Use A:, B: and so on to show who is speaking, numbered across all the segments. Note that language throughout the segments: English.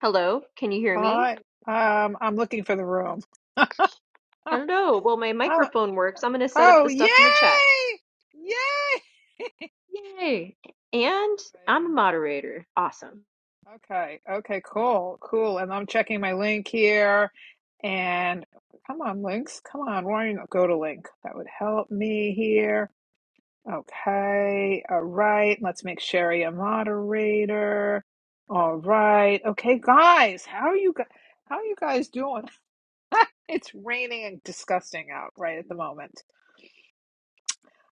A: Hello, can you hear me?
B: Hi. Um, I'm looking for the room.
A: Hello. Well, my
B: Oh,
A: microphone works. I'm going to set up
B: oh,
A: the
B: yay!
A: stuff in the chat.
B: Yay!
A: Yay. And I'm a
B: Exciting.
A: moderator. Awesome.
B: Okay, okay, cool, cool. And I'm checking my link here. And come on, links. Come on, why do not go to link? That would help me here. Okay, all right. Let's make Sherry a moderator. All right. Okay, guys, how are you guys? How are you guys doing? It's raining and disgusting out right at the moment.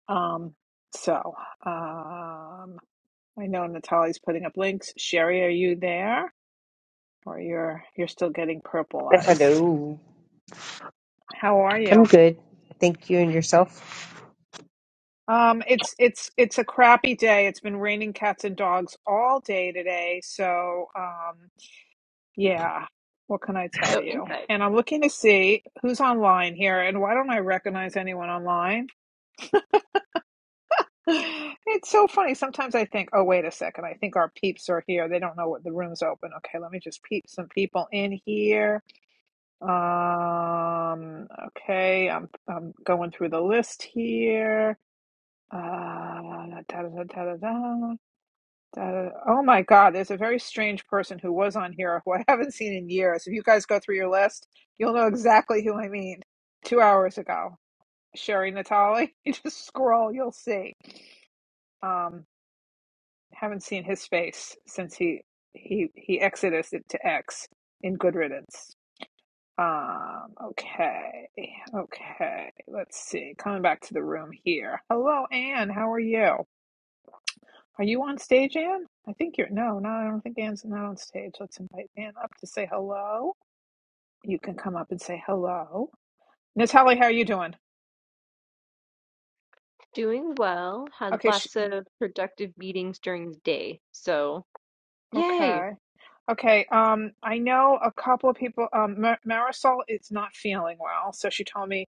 B: Um, so um, I know Natalie's putting up links. Sherry, are you there, or you're you're still getting purpleized?
C: Hello.
B: How are
C: I'm
B: you?
C: good. Thank you and yourself.
B: Um, it's it's it's a crappy day. It's been raining cats and dogs all day today. So um, yeah, what can I tell
A: So,
B: you?
A: insight.
B: And I'm looking to see who's online here, and why don't I recognize anyone online? It's so funny. Sometimes I think, oh, wait a second. I think our peeps are here. They don't know what the room's open. Okay, let me just peep some people in here. Um, okay, I'm I'm going through the list here. Uh, da, da, da, da, da, da. Oh my God, there's a very strange person who was on here who I haven't seen in years. If you guys go through your list, you'll know exactly who I mean. Two hours ago, Sherry Natali. You just scroll, you'll see. Um. haven't seen his face since he he he exited to X in Good Riddance. Um. Okay. Okay. Let's see. Coming back to the room here. Hello, Anne. How are you? Are you on stage, Anne? I think you're. No, no. I don't think Anne's not on stage. Let's invite Anne up to say hello. You can come up and say hello. Natalie, how are you doing?
A: Doing well. Had
B: Okay. Sh-
A: lots of productive meetings during the day. So, yay.
B: Okay. Okay. Um, I know a couple of people. Um, Mar- Marisol is not feeling well, so she told me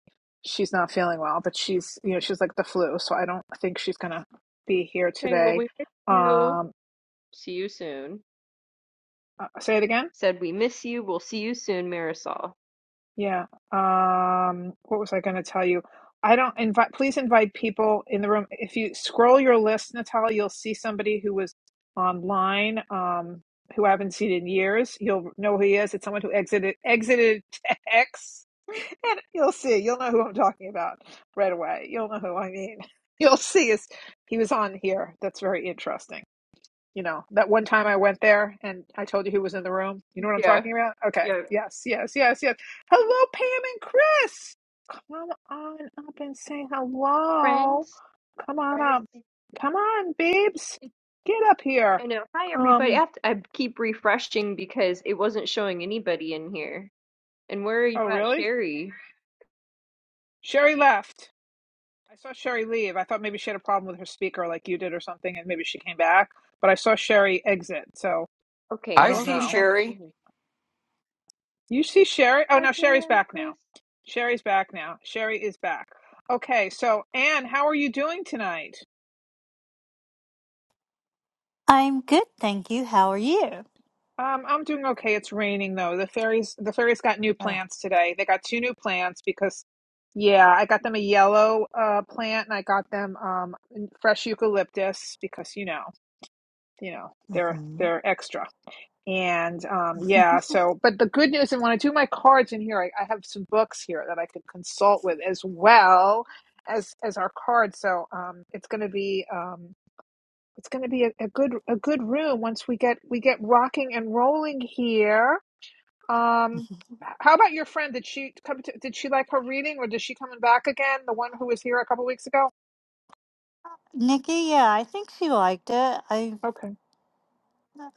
B: she's not feeling well, but she's, you know, she's like the flu, so I don't think she's gonna be here
A: Okay, well,
B: today.
A: we miss you.
B: Um,
A: See you soon.
B: uh, say it again.
A: Said we miss you. We'll see you soon, Marisol.
B: Yeah. Um, what was I going to tell you? I don't invite, please invite people in the room. If you scroll your list, Natalia, you'll see somebody who was online, um, who I haven't seen in years. You'll know who he is. It's someone who exited, exited X. And you'll see, you'll know who I'm talking about right away. You'll know who I mean. You'll see is he was on here. That's very interesting. You know, that one time I went there and I told you who was in the room. You know what I'm
A: Yeah.
B: talking about? Okay.
A: Yeah.
B: Yes, yes, yes, yes. Hello, Pam and Chris. Come on up and say hello.
A: Friends.
B: Come on
A: I
B: up. Come on, babes. Get up here.
A: know. Hi, everybody. I,
B: Um,
A: have to, I keep refreshing because it wasn't showing anybody in here. And where are you
B: oh,
A: at,
B: really?
A: Sherry?
B: Sherry left. I saw Sherry leave. I thought maybe she had a problem with her speaker like you did or something, and maybe she came back. But I saw Sherry exit, so
A: Okay,
B: I
D: I
B: don't
D: see
A: welcome
B: know.
A: back,
D: Sherry.
A: Sherry.
B: You see Sherry? Oh,
A: Hi,
B: no, Sherry's
A: Pam,
B: back now.
A: Chris.
B: Sherry's back now. Sherry is back. Okay, so Anne, how are you doing tonight?
E: I'm good, thank you. How are you?
B: Um, I'm doing okay. It's raining though. The fairies, the fairies got new
E: Uh,
B: plants today. They got two new plants because, yeah, I got them a yellow uh plant and I got them um fresh eucalyptus because you know, you know, they're
E: hmm
B: they're extra. And um, yeah, so, but the good news, and when I do my cards in here, I, I have some books here that I can consult with as well as as our cards. So um, it's going to be um, it's going to be a, a good a good room once we get we get rocking and rolling here. Um, how about your friend? Did she come? To, did she like her reading, or is she coming back again? The one who was here a couple weeks ago.
E: Nikki, yeah, I think she liked it. I,
B: Okay,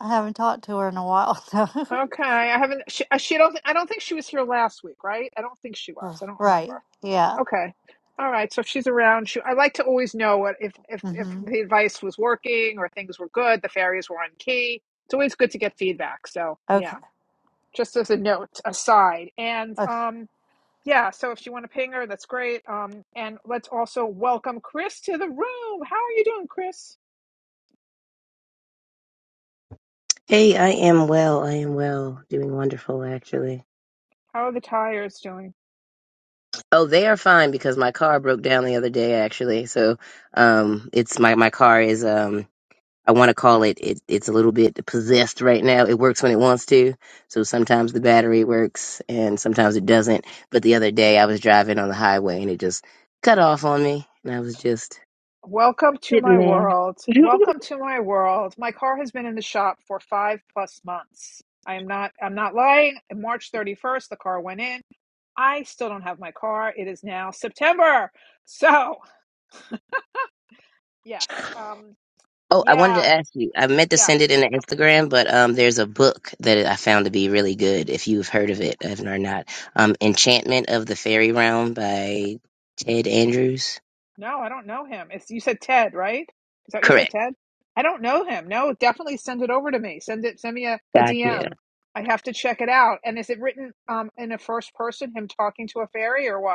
E: I haven't talked to her in a while, so.
B: okay. I haven't. She, uh, she don't. I don't think she was here last week, right? I don't think she was.
E: R-
B: I don't remember.
E: right, yeah.
B: Okay. All right. So if she's around, she, I like to always know what if, if if
E: hmm
B: the advice was working or things were good, the fairies were on key. It's always good to get feedback. So yeah,
E: Okay,
B: just as a note aside. And um yeah, so if you want to ping her, that's great. Um and let's also welcome Chris to the room. How are you doing, Chris?
F: Hey, I am well. I am well. Doing wonderful, actually.
B: How are the tires doing?
F: Oh, they are fine because my car broke down the other day, actually. So, um, it's my, my car is, um, I want to call it, it, it's a little bit possessed right now. It works when it wants to. So sometimes the battery works and sometimes it doesn't. But the other day I was driving on the highway and it just cut off on me and I was just
B: Welcome to
F: sitting
B: my
F: there.
B: world. Welcome to my world. My car has been in the shop for five plus months. I am not I'm not lying. March 31st, the car went in. I still don't have my car. It is now September. So yes. Um
F: Oh, I wanted to
B: yeah,
F: ask you. I meant to
B: yeah.
F: send it in the Instagram, but um, there's a book that I found to be really good. If you've heard of it if or not, um, Enchantment of the Fairy Realm by Ted Andrews.
B: No, I don't know him. It's you said Ted, right? Is that what you said,
F: Correct.
B: Ted? I don't know him. No, definitely send it over to me. Send it send me a, a
F: Gotcha.
B: DM. I have to check it out. And is it written um in a first person, him talking to a fairy or what?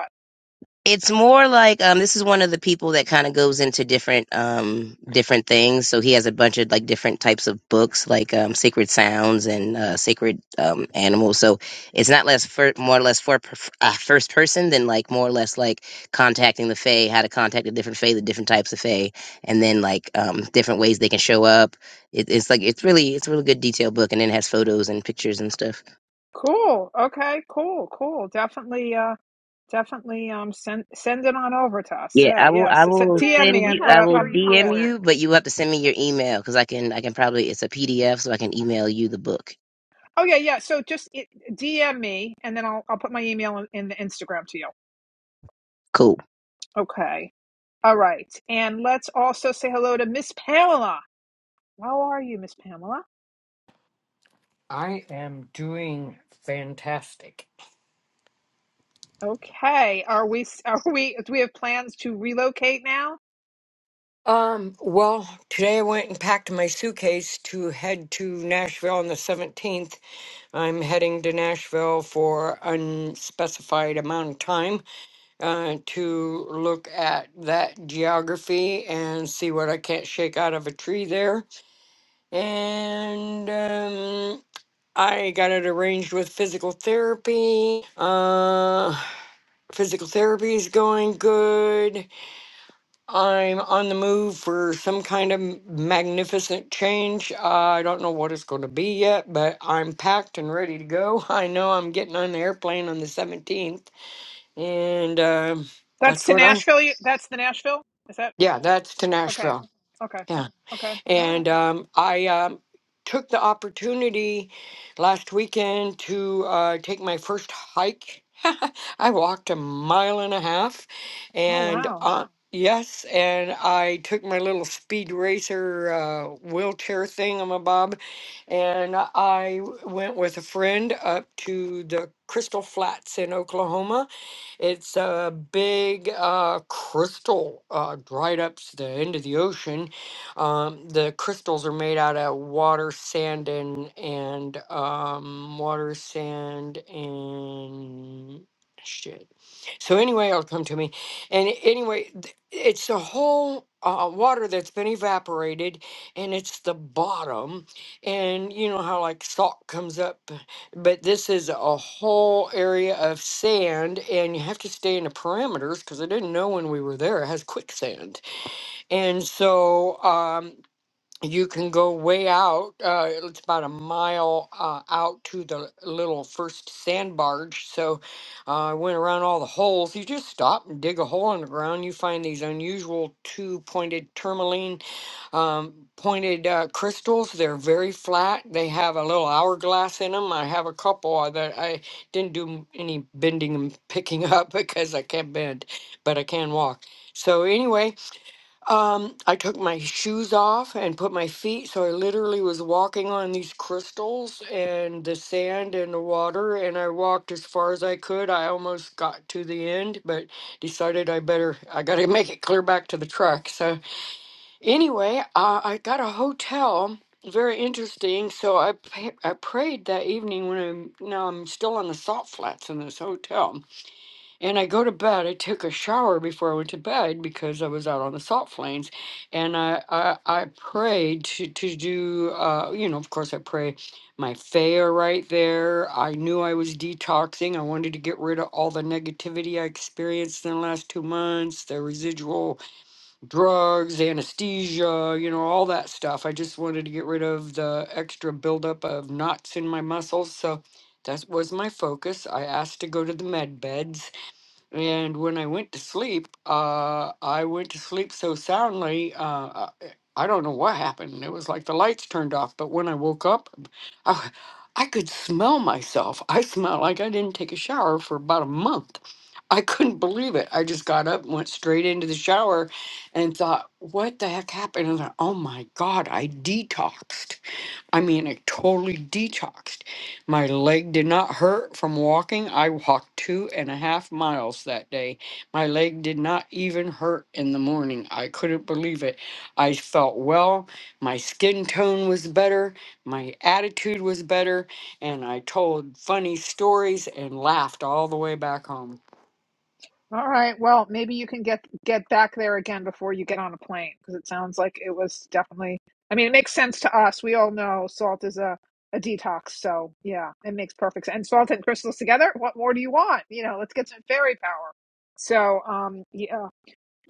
F: It's more like um, this is one of the people that kind of goes into different um, different things. So he has a bunch of like different types of books, like um, sacred sounds and uh, sacred um, animals. So it's not less for, more or less for per- uh, first person than like more or less like contacting the fae, how to contact the different fae, the different types of fae, and then like um, different ways they can show up. It, it's like it's really it's a really good detailed book, and then it has photos and pictures and stuff.
B: Cool. Okay, cool, cool. Definitely uh definitely um send send it on over to us.
F: Yeah,
B: Yeah,
F: I will. I
B: yes. It's
F: will
B: DM
A: Yay,
B: me
F: send
A: we
F: you.
B: and
A: have
B: what
F: I
B: I,
F: will
A: fairy
B: um yeah.
F: DM
A: homework.
F: you, but you have to send me your email because I can. I can probably. It's a PDF, so I can email you the book.
B: Oh yeah, yeah. So just it, DM me and then I'll I'll put my email in, in the Instagram to you.
F: Cool.
B: Okay. All right. And let's also say hello to Miss Pamela. How are you, Miss Pamela?
D: I am doing fantastic.
B: Okay. Are we s- are we do we have plans to relocate now?
D: Um, well, today I went and packed my suitcase to head to Nashville on the 17th. I'm heading to Nashville for unspecified amount of time uh, to look at that geography and see what I can't shake out of a tree there. And um, I got it arranged with physical therapy. Uh, Physical therapy is going good. I'm on the move for some kind of magnificent change. Uh, I don't know what it's going to be yet, but I'm packed and ready to go. I know I'm getting on the airplane on the 17th, and um
B: That's
D: that's
B: to
D: what I.
B: Nashville. you- That's the Nashville? Is that
D: Yeah, that's to
B: okay.
D: Nashville.
B: Okay.
D: Yeah.
B: Okay. All right.
D: And um, I um, took the opportunity last weekend to uh, take my first hike. I walked a mile and a half,
B: Oh
D: and
B: wow.
D: uh, yes, and I took my little speed racer uh, wheelchair thingamabob, and I went with a friend up to the Crystal Flats in Oklahoma it's a big uh, crystal uh, right up to the end of the ocean. Um, the crystals are made out of water, sand, and and um, water, sand, and shit. So anyway, it'll come to me. And anyway, th- it's the whole uh, water that's been evaporated, and it's the bottom. And you know how like salt comes up but this is a whole area of sand and you have to stay in the parameters because i didn't know when we were there it has quicksand and so um you can go way out uh it's about a mile uh, out to the little first sand barge so uh, i went around all the holes you just stop and dig a hole in the ground you find these unusual two pointed tourmaline um, pointed uh, crystals. They're very flat. They have a little hourglass in them. I have a couple of that I didn't do m- any bending and picking up because I can't bend, but I can walk. So anyway, um, I took my shoes off and put my feet. So I literally was walking on these crystals and the sand and the water, and I walked as far as I could. I almost got to the end, but decided I better. I got to make it clear back to the truck. So. Anyway, uh, I got a hotel. Very interesting. So I pa- I prayed that evening when I'm now I'm still on the salt flats in this hotel, and I go to bed. I took a shower before I went to bed because I was out on the salt plains, and I I, I prayed to to do uh you know of course I pray my fair right there. I knew I was detoxing. I wanted to get rid of all the negativity I experienced in the last two months, the residual drugs, anesthesia, you know, all that stuff. I just wanted to get rid of the extra buildup of knots in my muscles. So that was my focus. I asked to go to the med beds and when I went to sleep, uh, I went to sleep so soundly, uh, I I don't know what happened. It was like the lights turned off. But when I woke up, I, I could smell myself. I smelled like I didn't take a shower for about a month. I couldn't believe it. I just got up and went straight into the shower and thought, what the heck happened? And I thought, oh my God, I detoxed. I mean, I totally detoxed. My leg did not hurt from walking. I walked two and a half miles that day. My leg did not even hurt in the morning. I couldn't believe it. I felt well. My skin tone was better. My attitude was better. And I told funny stories and laughed all the way back home.
B: All right. Well, maybe you can get get back there again before you get on a plane because it sounds like it was definitely. I mean, it makes sense to us. We all know salt is a a detox, so yeah, it makes perfect sense. And salt and crystals together. What more do you want? You know, let's get some fairy power. So, um, yeah,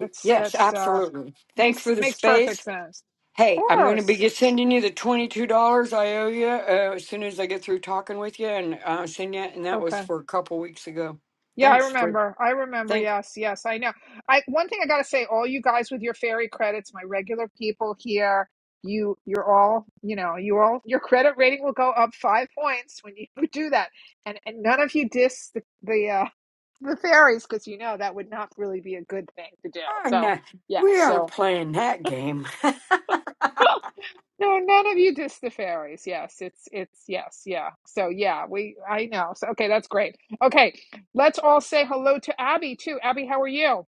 D: Y- Yes,
B: that's uh
D: absolutely. Thanks
B: makes
D: for the
B: makes
D: space.
B: perfect sense. Of
D: Hey, I'm going to be
B: course.
D: just sending you the $22 I owe you uh, as soon as I get through talking with you and uh, send you, and that was
B: Okay.
D: for a couple weeks ago.
B: Yeah, I
D: Thanks for,
B: remember. I remember.
D: thank,
B: Yes, yes, I know. I one thing I gotta say, all you guys with your fairy credits, my regular people here, you you're all, you know, you all your credit rating will go up five points when you do that. And and none of you diss the the uh the fairies because you know that would not really be a good thing to do.
D: oh,
B: So
D: no,
B: yes,
D: we aren't
B: so
D: playing that game.
B: no, none of you diss the fairies. Yes, it's it's yes, yeah. So yeah, we I know. So okay, that's great. Okay, let's all say hello to Abby too. Abby, how are you?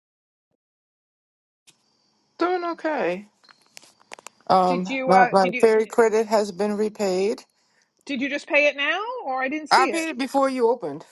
G: Doing okay.
B: Did
G: Um,
B: you
G: my,
B: uh
G: my
B: did you
G: ferry credit has been repaid.
B: did you just pay it now or I didn't
G: I
B: see it?
G: paid it before you opened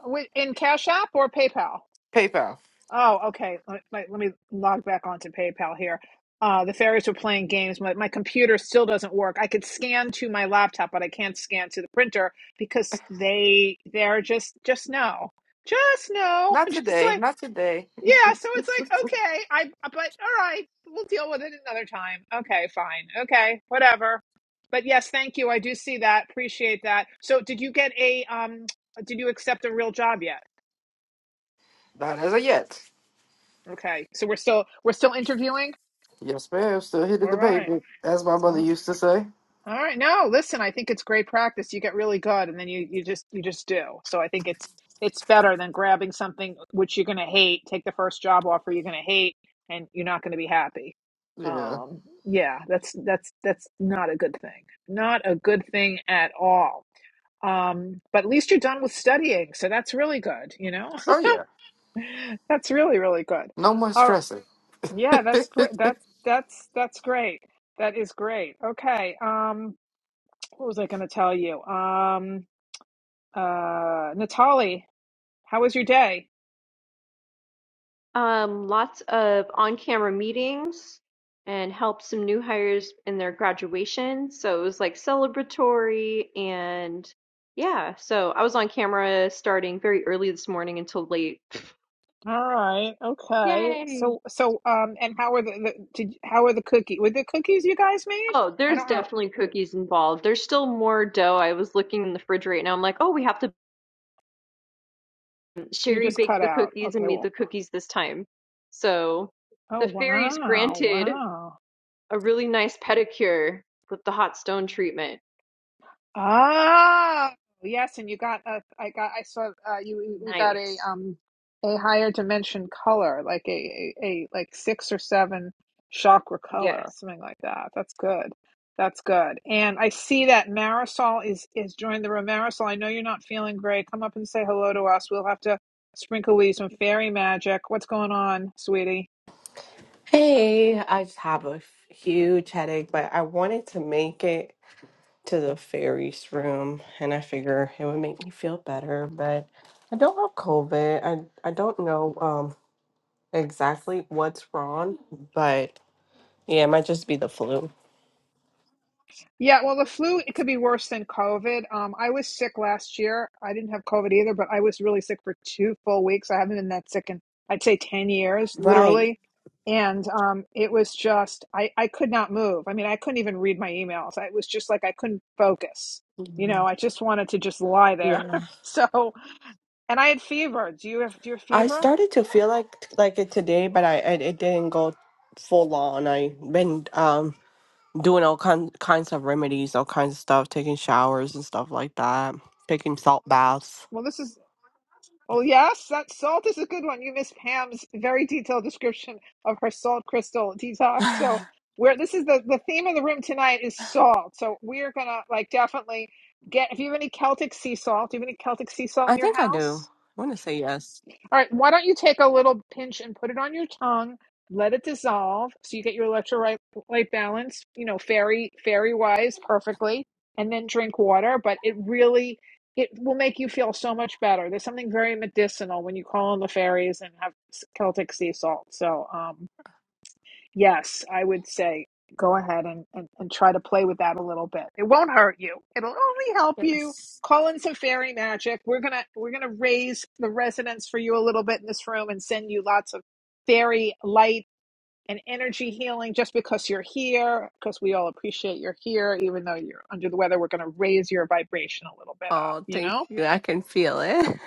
B: Wi- In Cash App or PayPal?
G: PayPal.
B: Oh, okay. Let, let, let me log back onto PayPal here. Uh, the fairies were playing games. My, my computer still doesn't work. I could scan to my laptop, but I can't scan to the printer because they they're just just no, just no,
G: Not
B: just like
G: today. Not today.
B: Yeah, so it's like, okay, I uh, but all right, we'll deal with it another time. Okay, fine. Okay, whatever. But yes, thank you. I do see that. Appreciate that. So, did you get a um did you accept a real job yet?
G: not as of yet.
B: Okay. So we're still we're still interviewing?
G: Yes, ma'am. Still hitting
B: All
G: the
B: right.
G: payment, as my
B: All
G: mother
B: right.
G: used to say.
B: All right. No, listen, I think it's great practice. You get really good and then you you just you just do. So I think it's it's better than grabbing something which you're going to hate, take the first job offer you're going to hate and you're not going to be happy.
G: Yeah.
B: Um yeah, that's that's that's not a good thing. Not a good thing at all. Um but at least you're done with studying, so that's really good, you know?
G: Oh yeah.
B: that's really really good.
G: No more
B: All
G: stressing.
B: yeah, that's gr- that's that's that's great. That is great. Okay. Um what was I going to tell you? Um, uh, Natalie, how was your day?
A: Um, lots of on-camera meetings and helped some new hires in their graduation. So it was like celebratory and yeah, so I was on camera starting very early this morning until late.
B: All right. Okay.
A: Yay.
B: So, so, um, and how are the, the did, how are the cookie? Were the cookies you guys made?
A: Oh,
B: I
A: there's
B: don't know.
A: definitely cookies involved. There's still more dough. I was looking in the refrigerator, and I'm like, oh, we have to
B: You
A: Sherry
B: just
A: baked
B: cut
A: the
B: out.
A: cookies and
B: Okay.
A: made
B: Well,
A: the cookies this time. So
B: oh,
A: the fairies
B: wow.
A: granted
B: Wow.
A: a really nice pedicure with the hot stone treatment.
B: Ah, yes, and you got a, I got I saw uh, you we got a
A: Nice.
B: um a higher dimension color, like a, a a like six or seven chakra color or
A: Yes.
B: something like that. That's good. That's good. And I see that Marisol is is joined the room. Marisol, I know you're not feeling great. Come up and say hello to us. We'll have to sprinkle with you some fairy magic. What's going on, sweetie?
H: Hey, I just have a f- huge headache, but I wanted to make it to the fairies room, and I figure it would make me feel better. But I don't have COVID. I I don't know um exactly what's wrong, but yeah, it might just be the flu.
B: Yeah, well, the flu it could be worse than COVID. Um, I was sick last year. I didn't have COVID either, but I was really sick for two full weeks. I haven't been that sick in I'd say ten years,
H: Right.
B: literally. And um, it was just I I could not move. I mean, I couldn't even read my emails. I it was just like I couldn't focus. You know,
H: Mhm.
B: I just wanted to just lie there.
H: Yeah.
B: So, and I had fever. Do you have do you have
H: I
B: fever?
H: started to feel like like it today, but I, I it didn't go full on. I been um doing all kind, kinds of remedies, all kinds of stuff, taking showers and stuff like that, taking salt baths.
B: Well, this is Well, yes, that salt is a good one. You missed Pam's very detailed description of her salt crystal detox. So,
H: I
B: where this is the the theme of the room tonight is salt. So we're gonna like definitely get if you have any Celtic sea salt. Do you have any Celtic sea salt in your
H: think I
B: house?
H: do. I want to say yes.
B: All right, why don't you take a little pinch and put it on your tongue, let it dissolve so you get your electrolyte light balance, you know, fairy fairy wise perfectly, and then drink water, but it really it will make you feel so much better. There's something very medicinal when you call on the fairies and have Celtic sea salt. So, um, Yes, I would say go ahead and, and, and try to play with that a little bit. It won't hurt you. It'll only help you.
H: Yes.
B: Call in some fairy magic. We're gonna we're gonna raise the resonance for you a little bit in this room and send you lots of fairy light and energy healing just because you're here, because we all appreciate you're here, even though you're under the weather, we're gonna raise your vibration a little bit up,
H: Oh,
B: you
H: thank
B: know?
H: you. I can feel it.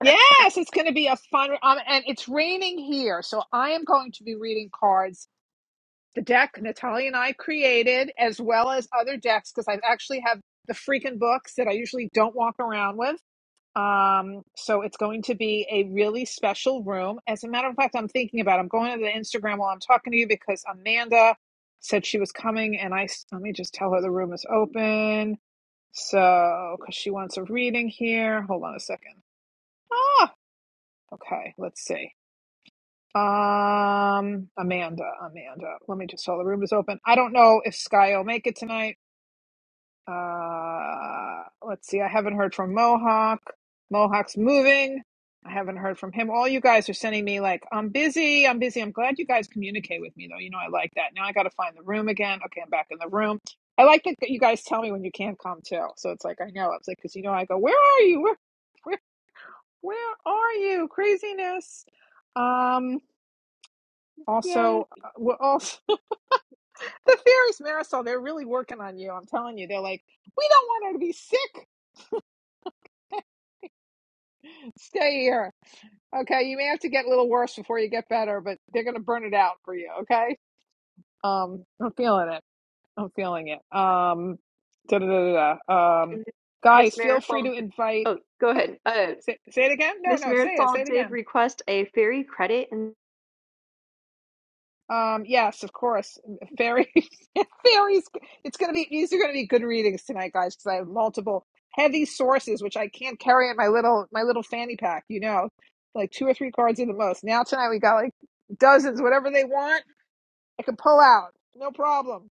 B: Yes, it's gonna be a fun um, and it's raining here, so I am going to be reading cards the deck Natalia and I created, as well as other decks, because I actually have the freaking books that I usually don't walk around with. Um, so it's going to be a really special room. As a matter of fact, I'm thinking about. I'm going to the Instagram while I'm talking to you because Amanda said she was coming, and I let me just tell her the room is open. So because she wants a reading here. Hold on a second. Ah, okay. Let's see. Um, Amanda, Amanda. Let me just, so the room is open. I don't know if Sky will make it tonight. Uh, let's see. I haven't heard from Mohawk. Mohawk's moving. I haven't heard from him. All you guys are sending me like, I'm busy. I'm busy. I'm glad you guys communicate with me though. You know, I like that. Now I got to find the room again. Okay, I'm back in the room. I like that you guys tell me when you can't come too. So it's like I know. It's like because you know I go, where are you? Where, where, where are you? Craziness. Um.
A: Yay.
B: Also, uh, well, also the fairies, Marisol, they're really working on you. I'm telling you, they're like, we don't want her to be sick. Stay here. Okay, you may have to get a little worse before you get better, but they're gonna burn it out for you. Okay. Um, I'm feeling it. I'm feeling it. Um, da da da da. da. Um,
A: And Miss
B: guys, feel free
A: Marisol,
B: to invite.
A: oh, go ahead. Uh,
B: Say, say it again. No,
A: Miss
B: no, say it. Say
A: Marisol
B: it
A: did
B: again.
A: request a fairy credit, and
B: Um, yes, of course. Fairies, fairies. It's gonna be these are gonna be good readings tonight, guys, because I have multiple heavy sources which I can't carry in my little my little fanny pack. You know, like two or three cards at the most. Now tonight we got like dozens, whatever they want, I can pull out, no problem.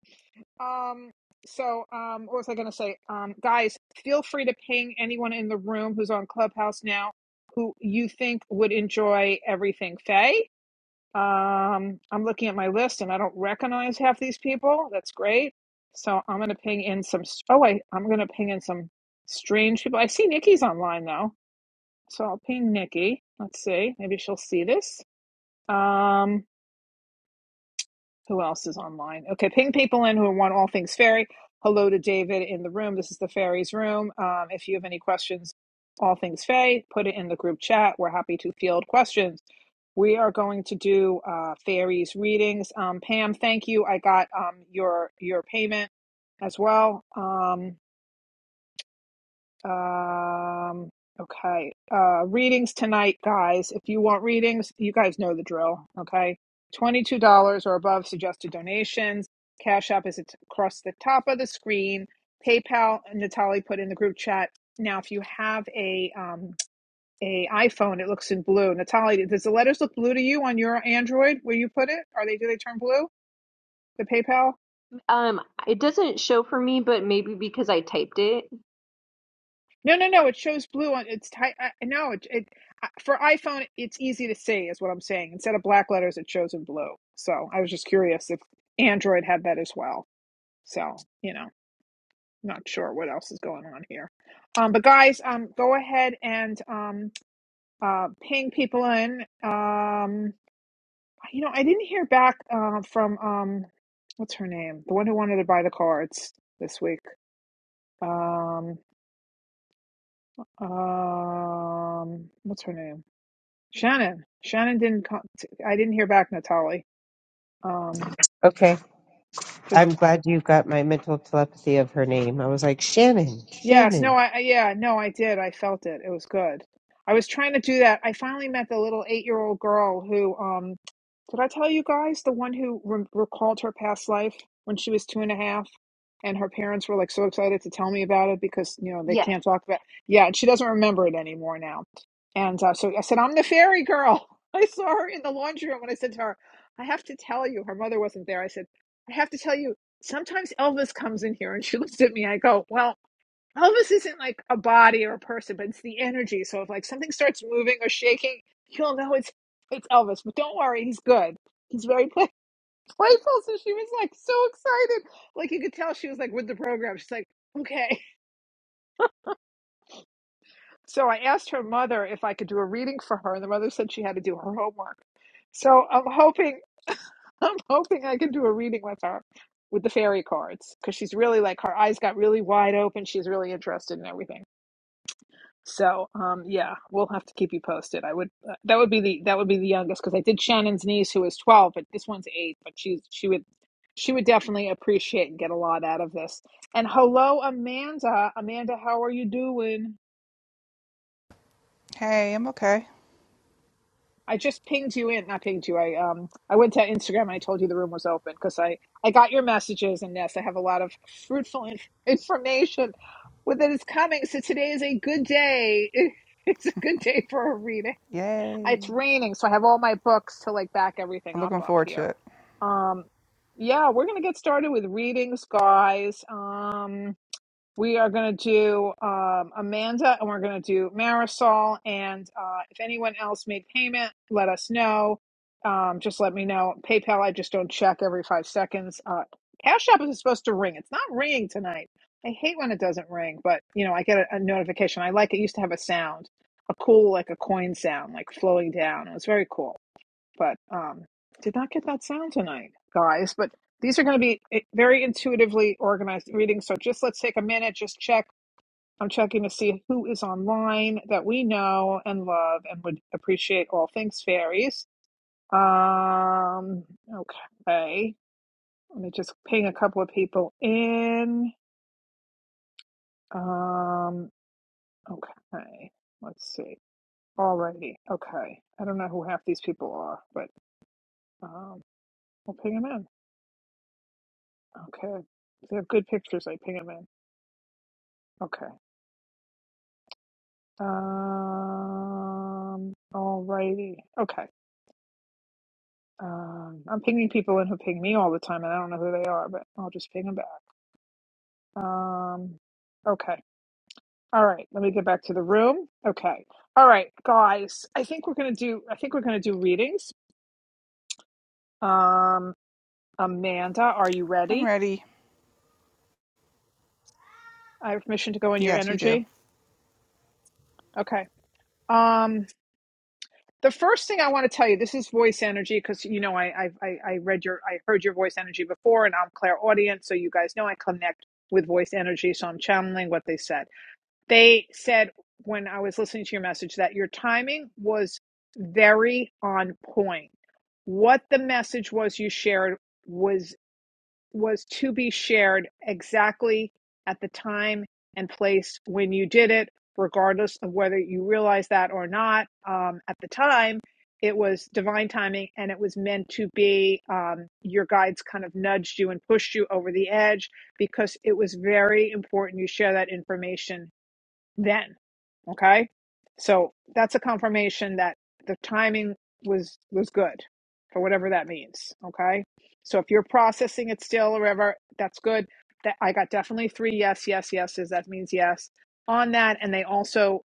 B: Um, so um, what was I gonna say? Um, guys, feel free to ping anyone in the room who's on Clubhouse now who you think would enjoy everything. Faye. Um, I'm looking at my list and I don't recognize half these people. That's great. So I'm gonna ping in some. Oh, I I'm gonna ping in some strange people. I see Nikki's online though, so I'll ping Nikki. Let's see. Maybe she'll see this. Um, who else is online? Okay, ping people in who want all things fairy. Hello to David in the room. This is the fairies room. Um, if you have any questions, all things fairy, put it in the group chat. We're happy to field questions. We are going to do uh, fairies readings. Um, Pam, thank you. I got um, your your payment as well. Um, um, okay. Uh, readings tonight, guys. If you want readings, you guys know the drill. Okay. $22 or above suggested donations. Cash App is at- across the top of the screen. PayPal, Natalie put in the group chat. Now, if you have a um, a iPhone, it looks in blue. Natalie, does the letters look blue to you on your Android where you put it? Are they do they turn blue? The PayPal?
A: um, it doesn't show for me, but maybe because I typed it.
B: No, no, no. It shows blue on it's ty- I No, it, it for iPhone it's easy to see is what I'm saying. Instead of black letters, it shows in blue. So I was just curious if Android had that as well. So you know, not sure what else is going on here. Um, but guys, um, go ahead and um, uh, ping people in. Um, you know, I didn't hear back uh, from um, what's her name, the one who wanted to buy the cards this week. Um, um, what's her name? Shannon. Shannon didn't. Con- I didn't hear back, Natalie. Um,
C: Okay.
B: just
C: I'm glad you got my mental telepathy of her name. I was like, Shannon,
B: Yes, no,
C: Shannon.
B: I I- yeah, no, I did. I felt it. It was good. I was trying to do that. I finally met the little eight-year-old girl who, um, did I tell you guys the one who re recalled her past life when she was two and a half, and her parents were like so excited to tell me about it because you know they
A: Yes.
B: can't talk about. Yeah, and she doesn't remember it anymore now. And uh, so I said, "I'm the fairy girl." I saw her in the laundry room, and I said to her, "I have to tell you." Her mother wasn't there. I said, "I have to tell you." Sometimes Elvis comes in here, and she looks at me. I go, "Well." Elvis isn't like a body or a person, but it's the energy. So if like something starts moving or shaking, you'll know it's it's Elvis. But don't worry, he's good. He's very play- playful. So she was like so excited, like you could tell she was like with the program. She's like, okay. So I asked her mother if I could do a reading for her, and the mother said she had to do her homework. So I'm hoping I'm hoping I can do a reading with her with the fairy cards because she's really like her eyes got really wide open. She's really interested in everything. So, um, yeah, we'll have to keep you posted. I would uh, that would be the that would be the youngest because I did Shannon's niece who is 12, but this one's 8, but she's she would she would definitely appreciate and get a lot out of this. And hello Amanda. Amanda, how are you doing?
I: Hey, I'm okay.
B: I just pinged you in, not pinged you. I um I went to Instagram and I told you the room was open because I I got your messages and yes, I have a lot of fruitful inf- information that is coming. So today is a good day. It's a good day for a read. it's
I: Yay.
B: raining, so I have all my books to like back everything
I: I'm
B: up
I: looking
B: up
I: forward to
B: here.
I: it.
B: Um, yeah, we're gonna get started with readings, guys. Um, we are going to do um, Amanda and we're going to do Marisol. And uh, if anyone else made payment, let us know. Um, just let me know. PayPal, I just don't check every five seconds. Uh, Cash App is supposed to ring. It's not ringing tonight. I hate when it doesn't ring, but you know, I get a, a notification. I like it used to have a sound, a cool, like a coin sound, like flowing down. It was very cool but um, did not get that sound tonight, guys. But these are going to be eh, very intuitively organized readings. So just let's take a minute, just check. I'm checking to see who is online that we know and love and would appreciate all things fairies. Um, okay. Let me just ping a couple of people in. Um, okay. Let's see. Alrighty. Okay. I don't know who half these people are, but um, we'll ping them in. Okay. They're good pictures. I ping them in. Okay. Um. Alrighty. Okay. Um. I'm pinging people in who ping me all the time, and I don't know who they are, but I'll just ping them back. Um. Okay. All right. Let me get back to the room. Okay. All right, guys. I think we're gonna do. I think we're gonna do readings. Um. Amanda, are you
I: I'm
B: ready?
I: ready.
B: I have permission to go in your
I: Yes, you do.
B: energy. Okay. Um. the first thing I want to tell you, this is voice energy because you know I, I I read your I heard your voice energy before, and I'm Claire audience, so you guys know I connect with voice energy, so I'm channeling what they said. They said when I was listening to your message that your timing was very on point. What the message was you shared was was to be shared exactly at the time and place when you did it, regardless of whether you realized that or not. Um, at the time, it was divine timing and it was meant to be um, your guides kind of nudged you and pushed you over the edge because it was very important you share that information then. Okay. So that's a confirmation that the timing was was good for whatever that means. Okay. So if you're processing it still or whatever, that's good. That I got definitely three yes, yes, yeses. That means yes on that. And they also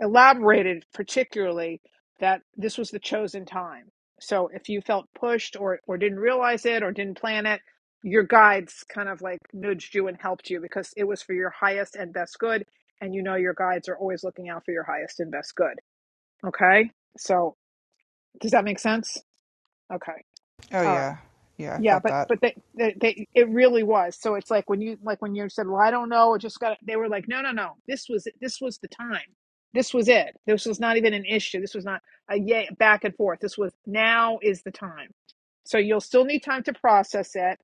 B: elaborated particularly that this was the chosen time. So if you felt pushed or, or didn't realize it or didn't plan it, your guides kind of like nudged you and helped you because it was for your highest and best good. And you know your guides are always looking out for your highest and best good. Okay. So does that make sense? Okay.
I: Oh
B: All right.
I: yeah, yeah. I
B: Yeah,
I: felt
B: but
I: that.
B: but they, they they it really was. So it's like when you like when you said, "Well, I don't know," it just got. They were like, "No, no, no. This was this was the time. This was it. This was not even an issue. This was not a yay back and forth. This was now is the time." So you'll still need time to process it,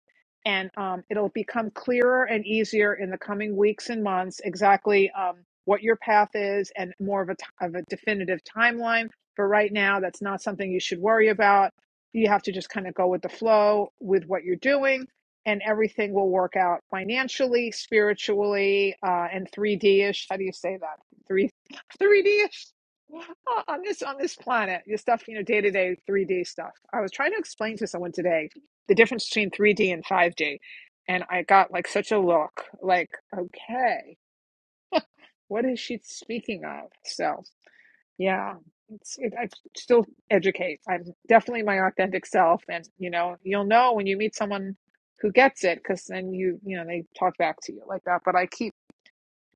B: and um, it'll become clearer and easier in the coming weeks and months exactly um, what your path is and more of a t- of a definitive timeline. But right now, that's not something you should worry about you have to just kind of go with the flow with what you're doing, and everything will work out financially, spiritually, uh, and 3D ish. How do you say that? Three, 3D ish uh, on this on this planet. Your stuff, you know, day to day 3D stuff. I was trying to explain to someone today the difference between 3D and 5D, and I got like such a look, like, okay, what is she speaking of? So. Yeah, it's it, I still educate. I'm definitely my authentic self, and you know, you'll know when you meet someone who gets it, because then you you know they talk back to you like that. But I keep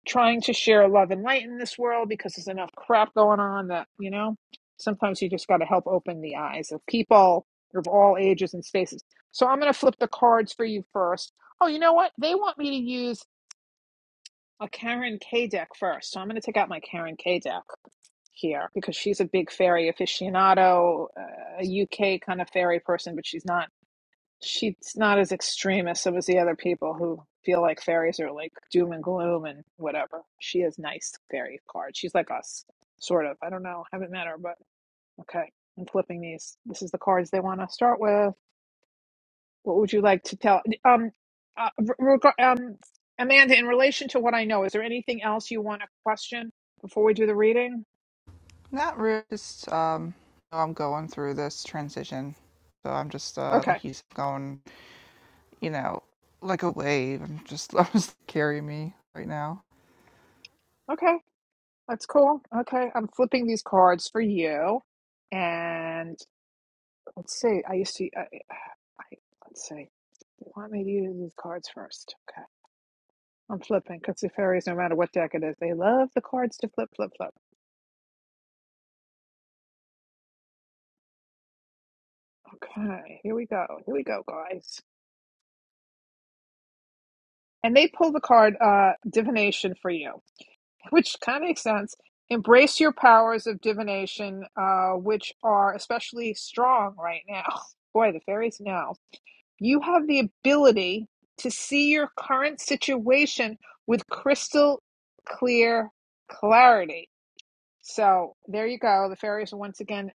B: trying to share love and light in this world because there's enough crap going on that you know sometimes you just got to help open the eyes of people of all ages and spaces. So I'm gonna flip the cards for you first. Oh, you know what? They want me to use a Karen K deck first, so I'm gonna take out my Karen K deck here because she's a big fairy aficionado, uh, a UK kind of fairy person, but she's not she's not as extreme as some of the other people who feel like fairies are like doom and gloom and whatever. She has nice fairy cards. She's like us, sort of. I don't know. Haven't met her, but okay. I'm flipping these. This is the cards they want to start with. What would you like to tell? Um, uh, reg- um, Amanda, in relation to what I know, is there anything else you want to question before we do the reading?
I: Not really. Just um, I'm going through this transition, so I'm just uh, like
B: Okay.
I: he's going, you know, like a wave. I'm just, I'm just carry me right now.
B: Okay. That's cool. Okay, I'm flipping these cards for you, and let's see. I used to. I, I let's see. You want me to use these cards first? Okay, I'm flipping because the fairies, no matter what deck it is, they love the cards to flip, flip, flip. Okay, here we go. Here we go, guys. And they pull the card uh, divination for you, which kind of makes sense. Embrace your powers of divination, uh, which are especially strong right now. Boy, the fairies know. You have the ability to see your current situation with crystal clear clarity. So there you go. The fairies are once again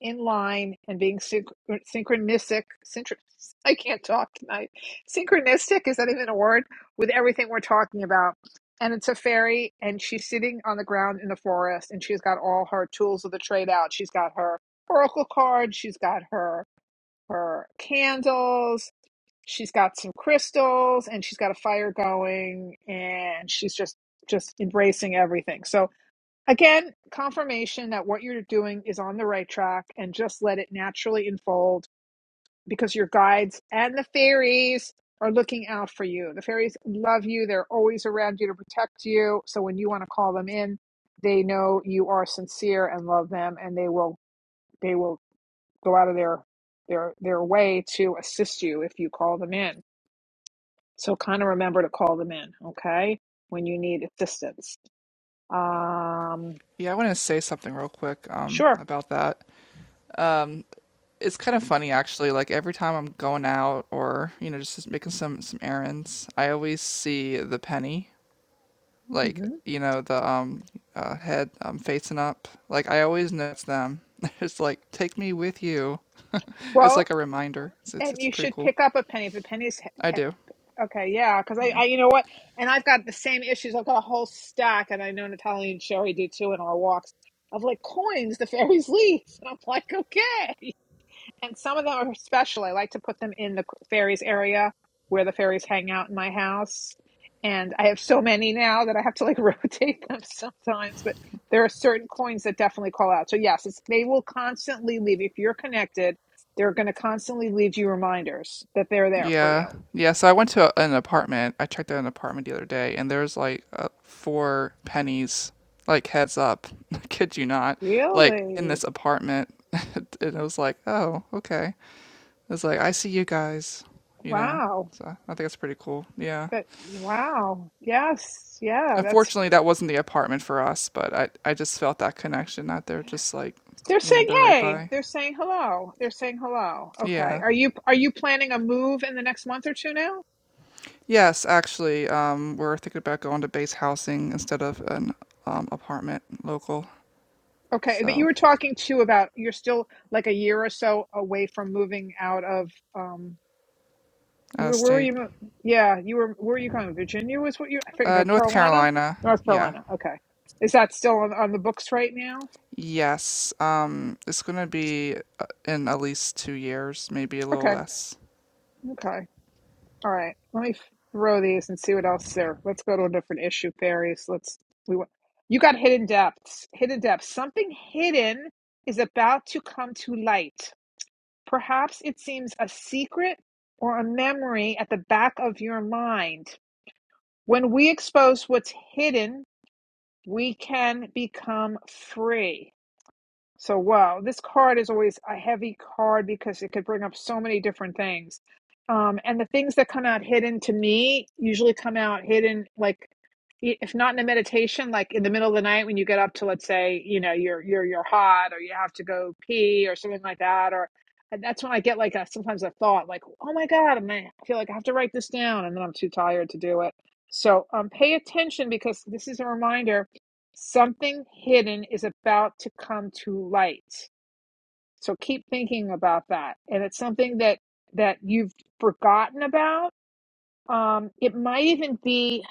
B: in line and being synch- synchronistic. Syntr- I can't talk tonight. Synchronistic, is that even a word? With everything we're talking about. And it's a fairy, and she's sitting on the ground in the forest, and she's got all her tools of the trade out. She's got her oracle card, she's got her her candles, she's got some crystals and she's got a fire going and she's just just embracing everything so again confirmation that what you're doing is on the right track and just let it naturally unfold because your guides and the fairies are looking out for you the fairies love you they're always around you to protect you so when you want to call them in they know you are sincere and love them and they will they will go out of their their their way to assist you if you call them in so kind of remember to call them in, okay, when you need assistance. Um,
I: Yeah, I want to say something real quick um,
B: sure.
I: about that. Um, it's kind of funny actually. Like every time I'm going out or you know just just making some some errands, I always see the penny like
B: hmm
I: you know the um uh, head um facing up. Like I always notice them. It's like take me with you. it's
B: Well,
I: like a reminder. It's, it's
B: and
I: it's
B: you
I: pretty
B: should
I: cool.
B: pick up a penny if the penny's he-
I: I do.
B: he- okay. Yeah, because I,
I: Yeah.
B: I, you know what, and I've got the same issues. I've got a whole stack, and I know Natalia and Sherry do too in our walks of like coins the fairies leave, and I'm like, okay. and some of them are special. I like to put them in the fairies area where the fairies hang out in my house. And I have so many now that I have to like rotate them sometimes, but there are certain coins that definitely call out. So yes, it's, they will constantly leave if you're connected. They're going to constantly leave you reminders that they're there for
I: Yeah.
B: you.
I: Yeah. So I went to a, an apartment. I checked out an apartment the other day, and there's like uh, four pennies, like heads up. I Kid you not. Like in
B: Really?
I: this apartment, and it was like, oh, okay. It's like I see you guys. You know.
B: Wow.
I: So I think it's pretty cool. Yeah.
B: That wow. Yes. Yeah, that's
I: Unfortunately, that wasn't the apartment for us, but I I just felt that connection that they're just like,
B: They're
I: you know,
B: saying
I: they're right
B: hey.
I: by.
B: They're saying hello. They're saying hello. Okay.
I: Yeah.
B: Are you are you planning a move in the next month or two now?
I: Yes, actually, um, we're thinking about going to base housing instead of an um, apartment local.
B: Okay. But you
I: So,
B: were talking too about you're still like a year or so away from moving out of um you
I: out of
B: were where were
I: state.
B: you mo- yeah, you were where were you going? Virginia was what you I think
I: Uh,
B: North
I: North
B: Carolina?
I: Carolina.
B: North
I: Yeah.
B: Carolina. Okay. Is that still on, on the books right now?
I: Yes. Um, it's going to be uh, in at least two years, maybe a little
B: Okay.
I: less.
B: Okay. All right, let me throw these and see what else there. Let's go to a different issue, Fairies. Let's we wa- you got hidden depths. Hidden depths. Something hidden is about to come to light. Perhaps it seems a secret or a memory at the back of your mind. When we expose what's hidden, we can become free. So wow, this card is always a heavy card because it could bring up so many different things. Um, and the things that come out hidden to me usually come out hidden, like i- if not in a meditation, like in the middle of the night when you get up to, let's say, you know, you're you're you're hot or you have to go pee or something like that, or and that's when I get like a sometimes a thought like, oh my God, and I feel like I have to write this down, and then I'm too tired to do it. So um, pay attention because this is a reminder Something hidden is about to come to light. So keep thinking about that. And it's something that that you've forgotten about. Um, it might even be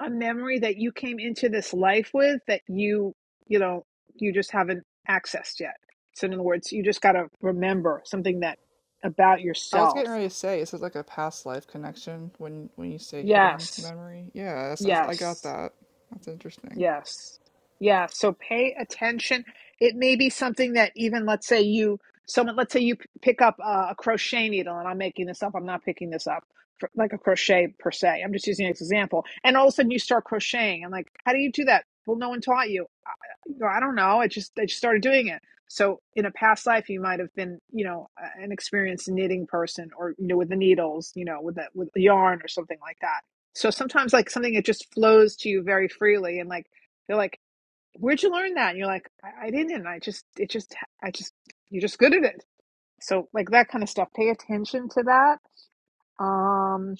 B: a memory that you came into this life with that you, you know, you just haven't accessed yet. So in other words, you just got to remember something that about
I: I was
B: yourself.
I: getting ready to say, is it like a past life connection when when you say hidden
B: Yes.
I: memory? Yeah, that's, that's, I got
B: Yes.
I: that. That's interesting.
B: Yes. Yeah. So pay attention. It may be something that even, let's say you, someone, let's say you p- pick up uh, a crochet needle, and I'm making this up. I'm not picking this up for, like a crochet per se. I'm just using an example. And all of a sudden you start crocheting. I'm like, how do you do that? Well, no one taught you. I, you know, I don't know. I just, I just started doing it. So in a past life, you might have been, you know, a- an experienced knitting person or, you know, with the needles, you know, with the, with the yarn or something like that so sometimes like something that just flows to you very freely and like they're like, Where'd you learn that? And you're like, I, I didn't. I just it just I just you're just good at it. So like that kind of stuff. Pay attention to that. Um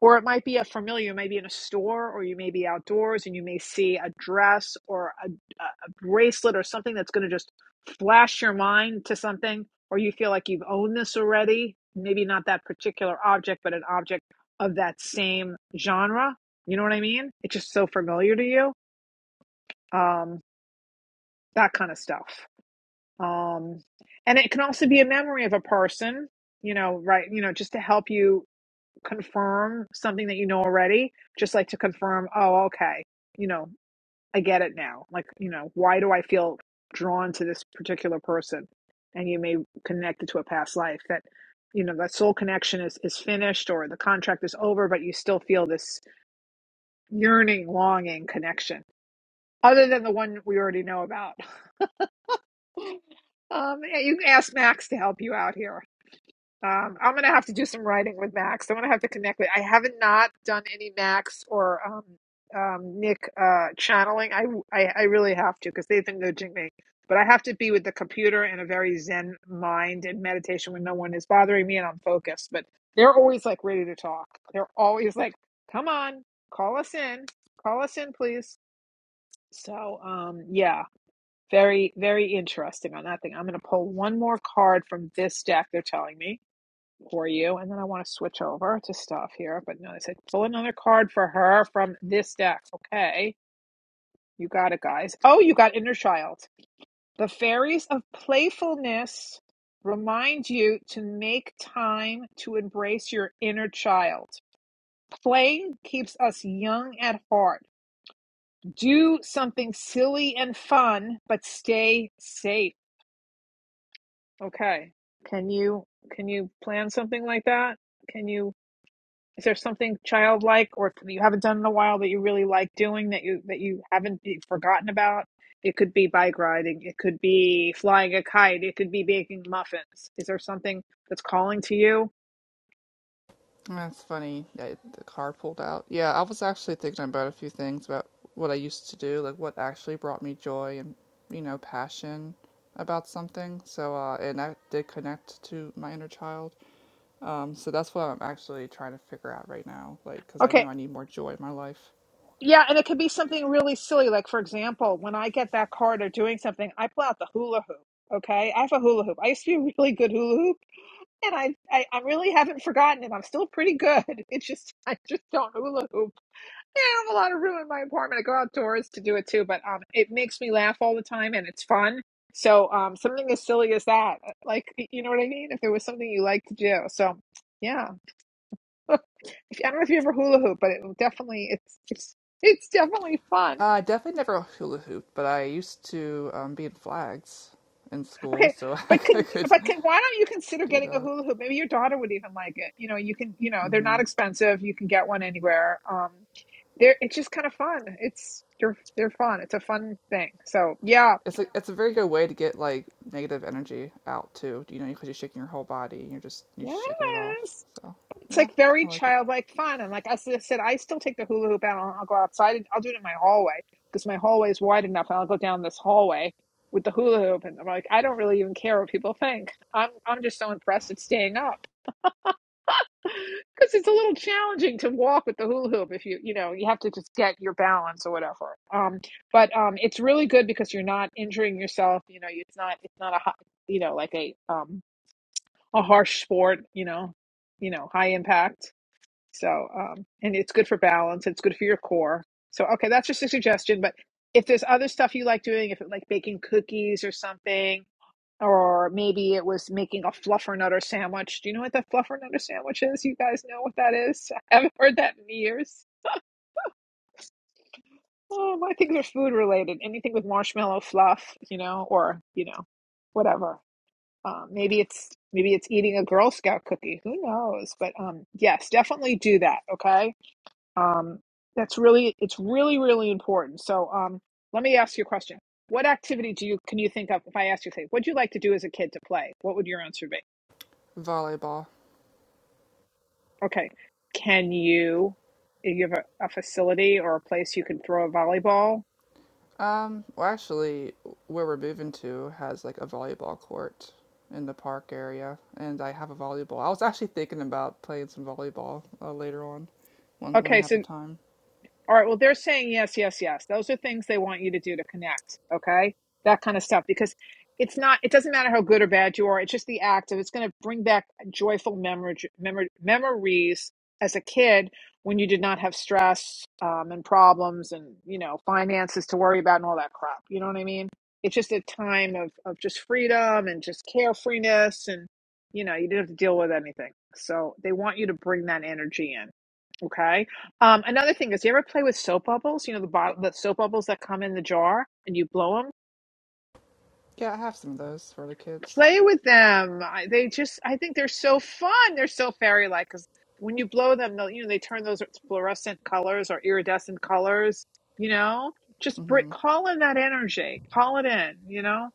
B: or it might be a familiar, you may be in a store or you may be outdoors and you may see a dress or a, a a bracelet or something that's going to just flash your mind to something, or you feel like you've owned this already. Maybe not that particular object, but an object of that same genre. You know what I mean? It's just so familiar to you. Um, that kind of stuff. Um, and it can also be a memory of a person, you know, right? You know, just to help you confirm something that you know already, just like to confirm, oh, okay, you know, I get it now. Like, you know, why do I feel drawn to this particular person? And you may connect it to a past life that, you know, that soul connection is, is finished or the contract is over, but you still feel this yearning, longing connection, other than the one we already know about. um, yeah, you can ask Max to help you out here. Um, I'm gonna have to do some writing with Max. I'm gonna have to connect with. I haven't not done any Max or um, um, Nick uh, channeling. I, I I really have to because they've been nudging me. But I have to be with the computer in a very zen mind and meditation when no one is bothering me and I'm focused. But they're always like ready to talk. They're always like, "Come on, call us in, call us in, please." So um, yeah, very very interesting on that thing. I'm gonna pull one more card from this deck. They're telling me for you. And then I want to switch over to stuff here. But no, I said pull another card for her from this deck. Okay. You got it, guys. Oh, you got Inner Child. The fairies of playfulness remind you to make time to embrace your inner child. Playing keeps us young at heart. Do something silly and fun, but stay safe. Okay. Can you can you plan something like that? Can you Is there something childlike or that you haven't done in a while that you really like doing that you that you haven't be- forgotten about? It could be bike riding, it could be flying a kite, it could be baking muffins. Is there something that's calling to you?
I: That's funny. I, the car pulled out. Yeah, I was actually thinking about a few things about what I used to do, like what actually brought me joy and, you know, passion about something. So, uh, and I did connect to my inner child. Um, so that's what I'm actually trying to figure out right now, like, because I know
B: Okay.
I: I need more joy in my life.
B: Yeah, and it could be something really silly. Like for example, when I get that card or doing something, I pull out the hula hoop. Okay. I have a hula hoop. I used to be a really good hula hoop and I, I, I really haven't forgotten it. I'm still pretty good. It's just I just don't hula hoop Yeah, I don't have a lot of room in my apartment. I go outdoors to do it too, but um, it makes me laugh all the time and it's fun. So um, something as silly as that, uh, like you know what I mean? If there was something you like to do, so yeah. I don't know if you ever hula hoop, but it definitely it's it's it's definitely fun.
I: Uh, I definitely never hula hooped, but I used to um, be in flags in school,
B: Okay,
I: so I
B: but can
I: could
B: but can why don't you consider
I: do
B: getting a
I: that.
B: hula hoop? Maybe your daughter would even like it. You know, you can you know they're
I: Mm-hmm.
B: not expensive. You can get one anywhere. Um, they're it's just kind of fun. It's they're they're fun. It's a fun thing. So yeah,
I: It's a it's a very good way to get like negative energy out too. You know, because you're shaking your whole body and you're just you're just shaking it off.
B: Yes.
I: So
B: It's
I: yeah,
B: like
I: I
B: very
I: like it.
B: childlike fun. And like I said, I still take the hula hoop out and I'll go outside and I'll do it in my hallway because my hallway is wide enough and I'll go down this hallway with the hula hoop and I'm like, I don't really even care what people think. I'm I'm just so impressed at staying up. Because it's a little challenging to walk with the hula hoop if you you know, you have to just get your balance or whatever. Um but um it's really good because you're not injuring yourself, you know, it's not it's not a hot you know, like a um a harsh sport, you know, you know, high impact. So, um, and it's good for balance. It's good for your core. So, okay, that's just a suggestion. But if there's other stuff you like doing, if it like baking cookies or something, or maybe it was making a fluffer nutter sandwich. Do you know what the fluffer nutter sandwich is? You guys know what that is? I haven't heard that in years. Oh, I think they're food related. Anything with marshmallow fluff, you know, or you know, whatever. Um, maybe it's maybe it's eating a Girl Scout cookie. Who knows? But um, yes, definitely do that. Okay. Um, that's really it's really really important. So um, let me ask you a question. What activity do you can you think of if I ask you, say, what'd you like to do as a kid to play? What would your answer be?
I: Volleyball.
B: Okay. Can you do you have a, a facility or a place you can throw a volleyball?
I: Um, well, actually, where we're moving to has like a volleyball court in the park area, and I have a volleyball. I was actually thinking about playing some volleyball uh, later on, when when I
B: Okay,
I: have
B: so
I: the time.
B: All right. Well, they're saying yes, yes, yes. Those are things they want you to do to connect. Okay. That kind of stuff. Because it's not, it doesn't matter how good or bad you are. It's just the act of it's going to bring back joyful memory, memory memories as a kid when you did not have stress um, and problems and, you know, finances to worry about and all that crap. You know what I mean? It's just a time of, of just freedom and just carefreeness. And, you know, you didn't have to deal with anything. So they want you to bring that energy in. Okay um, another thing is, you ever play with soap bubbles? You know the bottle, the soap bubbles that come in the jar, and you blow them.
I: Yeah, I have some of those for the kids.
B: Play with them. I, they just, I think they're so fun. They're so fairy like because when you blow them, they'll, you know, they turn those fluorescent colors or iridescent colors. You know, just br-
I: hmm
B: call in that energy. Call it in. You know,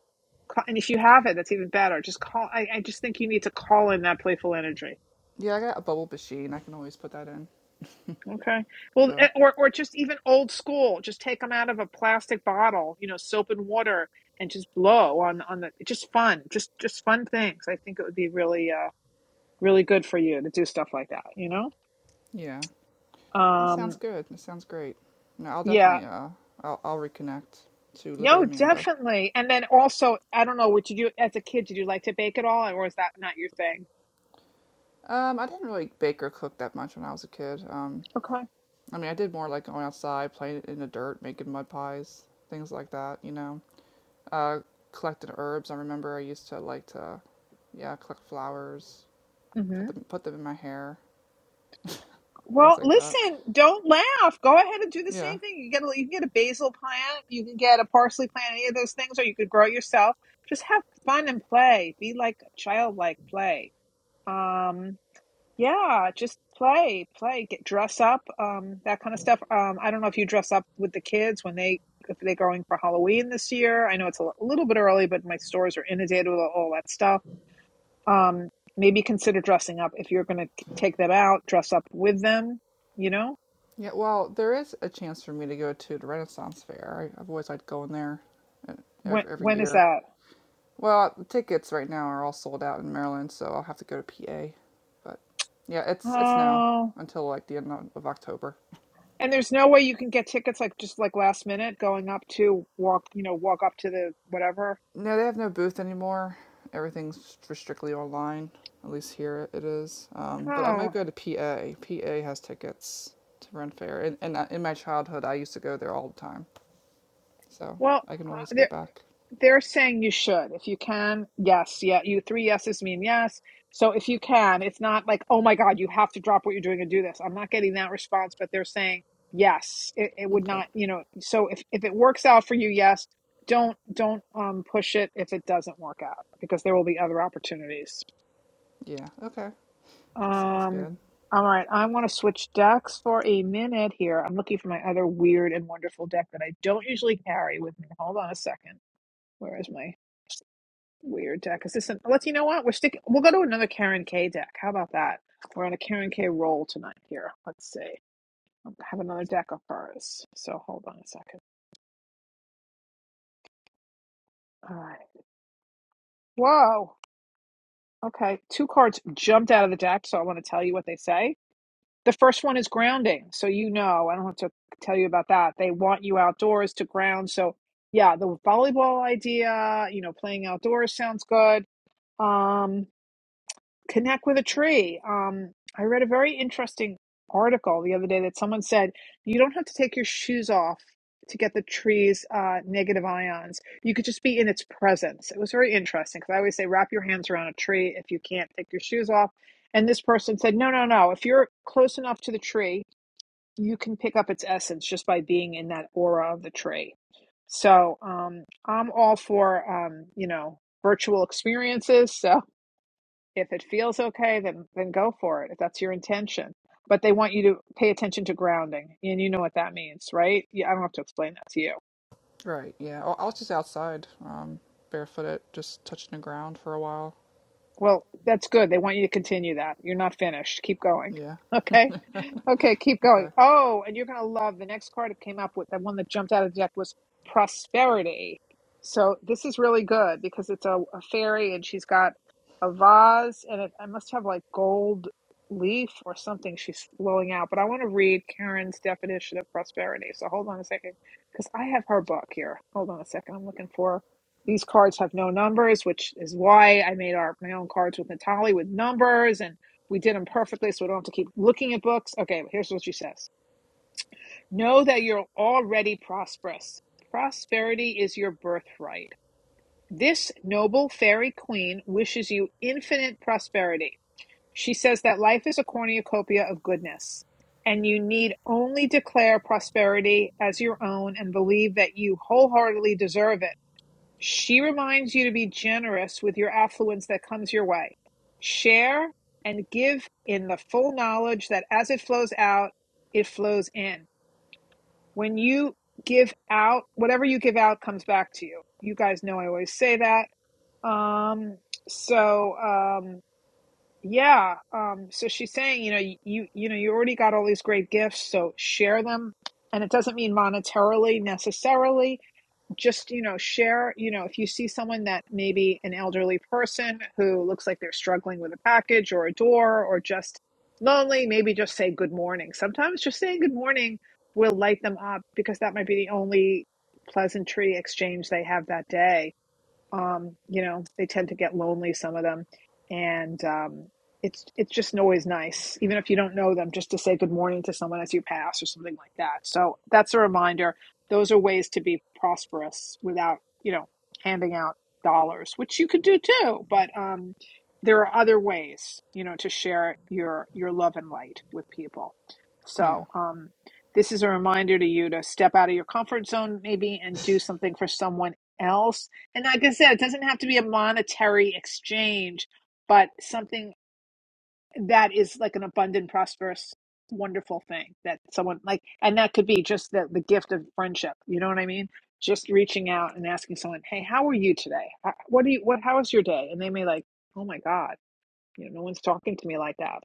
B: Ca- and if you have it, that's even better. Just call. I, I just think you need to call in that playful energy.
I: Yeah, I got a bubble machine. I can always put that in.
B: Okay. Well,
I: So
B: eh, or or just even old school, just take them out of a plastic bottle, you know, soap and water, and just blow on on the just fun, just just fun things. I think it would be really uh really good for you to do stuff like that, you know?
I: yeah, That sounds
B: Um,
I: good. That sounds great. No, I'll
B: yeah.
I: definitely uh, I'll I'll reconnect to little
B: No,
I: Amanda.
B: definitely. And then also, I don't know, would you do as a kid, did you like to bake at all, or is that not your thing?
I: Um, I didn't really bake or cook that much when I was a kid. Um,
B: Okay.
I: I mean, I did more like going outside, playing in the dirt, making mud pies, things like that. You know, uh, collected herbs. I remember I used to like to, yeah, collect flowers, put them put them in my hair, things
B: Well,
I: like that.
B: listen, don't laugh. Go ahead and do the
I: Yeah,
B: same thing. You get a, you can get a basil plant, you can get a parsley plant, any of those things, or you could grow it yourself. Just have fun and play. Be like childlike play. Um, yeah, just play, play, get dress up, um, that kind of stuff. Um, I don't know if you dress up with the kids when they if they're going for Halloween this year. I know it's a li- little bit early, but my stores are inundated with all that stuff. Um, maybe consider dressing up if you're going to take them out. Dress up with them, you know.
I: yeah. Well, there is a chance for me to go to the Renaissance Fair. I, I've always liked going there, uh,
B: When
I: every, every
B: when is
I: year.
B: that?
I: Well, the tickets right now are all sold out in Maryland, so I'll have to go to PA. But yeah, it's it's now
B: Oh,
I: until like the end of October.
B: and there's no way you can get tickets like just like last minute going up to walk, you know, walk up to the whatever.
I: No, they have no booth anymore. Everything's strictly online. At least here it is. Um, but I
B: Oh,
I: might go to PA. PA has tickets to Ren Fair, and, and uh, in my childhood, I used to go there all the time. So
B: well,
I: I can
B: uh,
I: always go
B: they're
I: back.
B: they're saying you should if you can. Yes, yeah, you three yeses mean yes. So if you can, it's not like oh my God, you have to drop what you're doing and do this. I'm not getting that response, but they're saying yes. It, it would
I: Okay.
B: not, you know. So if if it works out for you, yes. Don't don't um push it if it doesn't work out because there will be other opportunities.
I: Yeah. Okay. That sounds
B: Um,
I: good.
B: all right, I want to switch decks for a minute here. I'm looking for my other weird and wonderful deck that I don't usually carry with me. Hold on a second. Where is my weird deck? Is this an, let's, you know what? We're sticking, we'll go to another Karen K deck. How about that? We're on a Karen K roll tonight here. Let's see. Um, I have another deck of hers. So hold on a second. All right. Whoa. Okay. Two cards jumped out of the deck, so I want to tell you what they say The first one is grounding. So, you know, I don't have to tell you about that. They want you outdoors to ground. So, yeah, the volleyball idea, you know, playing outdoors sounds good. Um, connect with a tree. Um, I read a very interesting article the other day that someone said you don't have to take your shoes off to get the tree's uh, negative ions. You could just be in its presence. It was very interesting because I always say wrap your hands around a tree if you can't take your shoes off. And this person said, no, no, no. If you're close enough to the tree, you can pick up its essence just by being in that aura of the tree. So um, I'm all for um, you know virtual experiences. So if it feels okay, then then go for it if that's your intention. But they want you to pay attention to grounding, and you know what that means, right? Yeah, I don't have to explain that to you.
I: Right. Yeah. I I was just outside, um, barefooted, just touching the ground for a while.
B: Well, that's good. They want you to continue that. You're not finished. Keep going.
I: Yeah.
B: Okay. Okay, keep going.
I: Okay.
B: Oh, and you're going to love the next card that came up with the one that jumped out of the deck was prosperity. So this is really good because it's a, a fairy and she's got a vase and it, it must have like gold leaf or something she's blowing out. But I want to read Karen's definition of prosperity. So hold on a second because I have her book here. Hold on a second. I'm looking for. These cards have no numbers, which is why I made our my own cards with Natalie with numbers, and we did them perfectly, so we don't have to keep looking at books. Okay, here's what she says: Know that you're already prosperous. Prosperity is your birthright. This noble fairy queen wishes you infinite prosperity. She says that life is a cornucopia of goodness and you need only declare prosperity as your own and believe that you wholeheartedly deserve it. She reminds you to be generous with your affluence that comes your way. Share and give in the full knowledge that as it flows out, it flows in. When you give out, whatever you give out comes back to you. You guys know I always say that. Um, so um, yeah, um, so she's saying, you know, you you know, you already got all these great gifts, so share them. And it doesn't mean monetarily necessarily just you know share you know if you see someone that maybe an elderly person who looks like they're struggling with a package or a door or just lonely maybe just say good morning sometimes just saying good morning will light them up because that might be the only pleasantry exchange they have that day um, you know, they tend to get lonely, some of them, and um, it's it's just always nice, even if you don't know them, just to say good morning to someone as you pass or something like that. So that's a reminder. Those are ways to be prosperous without, you know, handing out dollars, which you could do too, but um, there are other ways, you know, to share your your love and light with people.
I: Yeah.
B: So um, this is a reminder to you to step out of your comfort zone, maybe, and do something for someone else and like I said, it doesn't have to be a monetary exchange, but something that is like an abundant, prosperous, wonderful thing that someone like, and that could be just the, the gift of friendship. You know what I mean? Just reaching out and asking someone, "Hey, how are you today? Uh, What do you? What? How was your day?" And they may like, "Oh my God, you know, no one's talking to me like that."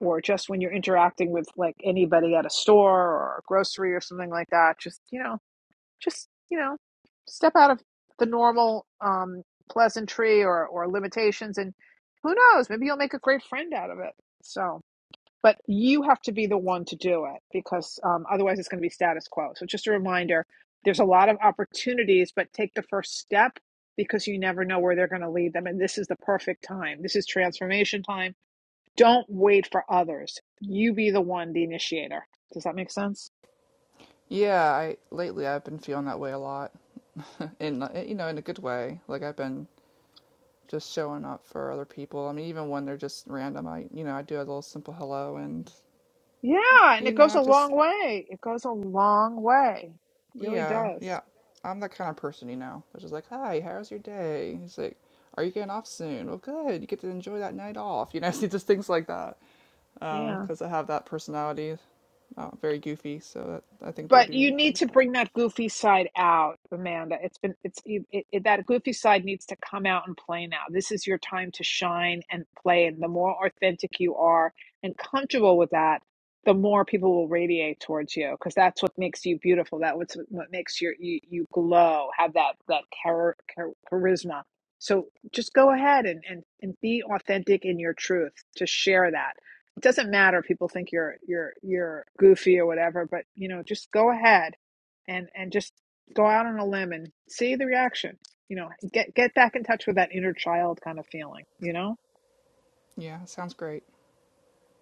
B: Or just when you're interacting with like anybody at a store or a grocery or something like that, just you know, just you know step out of the normal um pleasantry or or limitations and who knows maybe you'll make a great friend out of it so but you have to be the one to do it because um, otherwise it's going to be status quo so just a reminder there's a lot of opportunities but take the first step because you never know where they're going to lead them and this is the perfect time this is transformation time don't wait for others you be the one the initiator does that make sense
I: Yeah, I lately I've been feeling that way a lot. in uh, you know, in a good way. Like I've been just showing up for other people. I mean, even when they're just random, I you know, I do a little simple hello and
B: Yeah, and
I: you
B: it
I: know,
B: goes
I: I
B: a
I: just
B: long way. It goes a long way. It really
I: yeah,
B: does.
I: yeah. I'm that kind of person, you know. Which is like, "Hi, how's your day?" He's like, "Are you getting off soon?" Well, good. You get to enjoy that night off. You know, see just things like that. Um,
B: Yeah.
I: 'cause cuz I have that personality, not very goofy, so that, I think they
B: But
I: do
B: you need
I: like
B: to
I: that.
B: bring that goofy side out, Amanda. It's been it's you- it, it, that goofy side needs to come out and play now. This is your time to shine and play, and the more authentic you are and comfortable with that, the more people will radiate towards you because that's what makes you beautiful. That what's what makes your you, you glow, have that that char, char, charisma. So just go ahead and, and and be authentic in your truth to share that it doesn't matter people think you're you're you're goofy or whatever but you know just go ahead and and just go out on a limb and see the reaction you know get get back in touch with that inner child kind of feeling you know
I: Yeah, sounds great.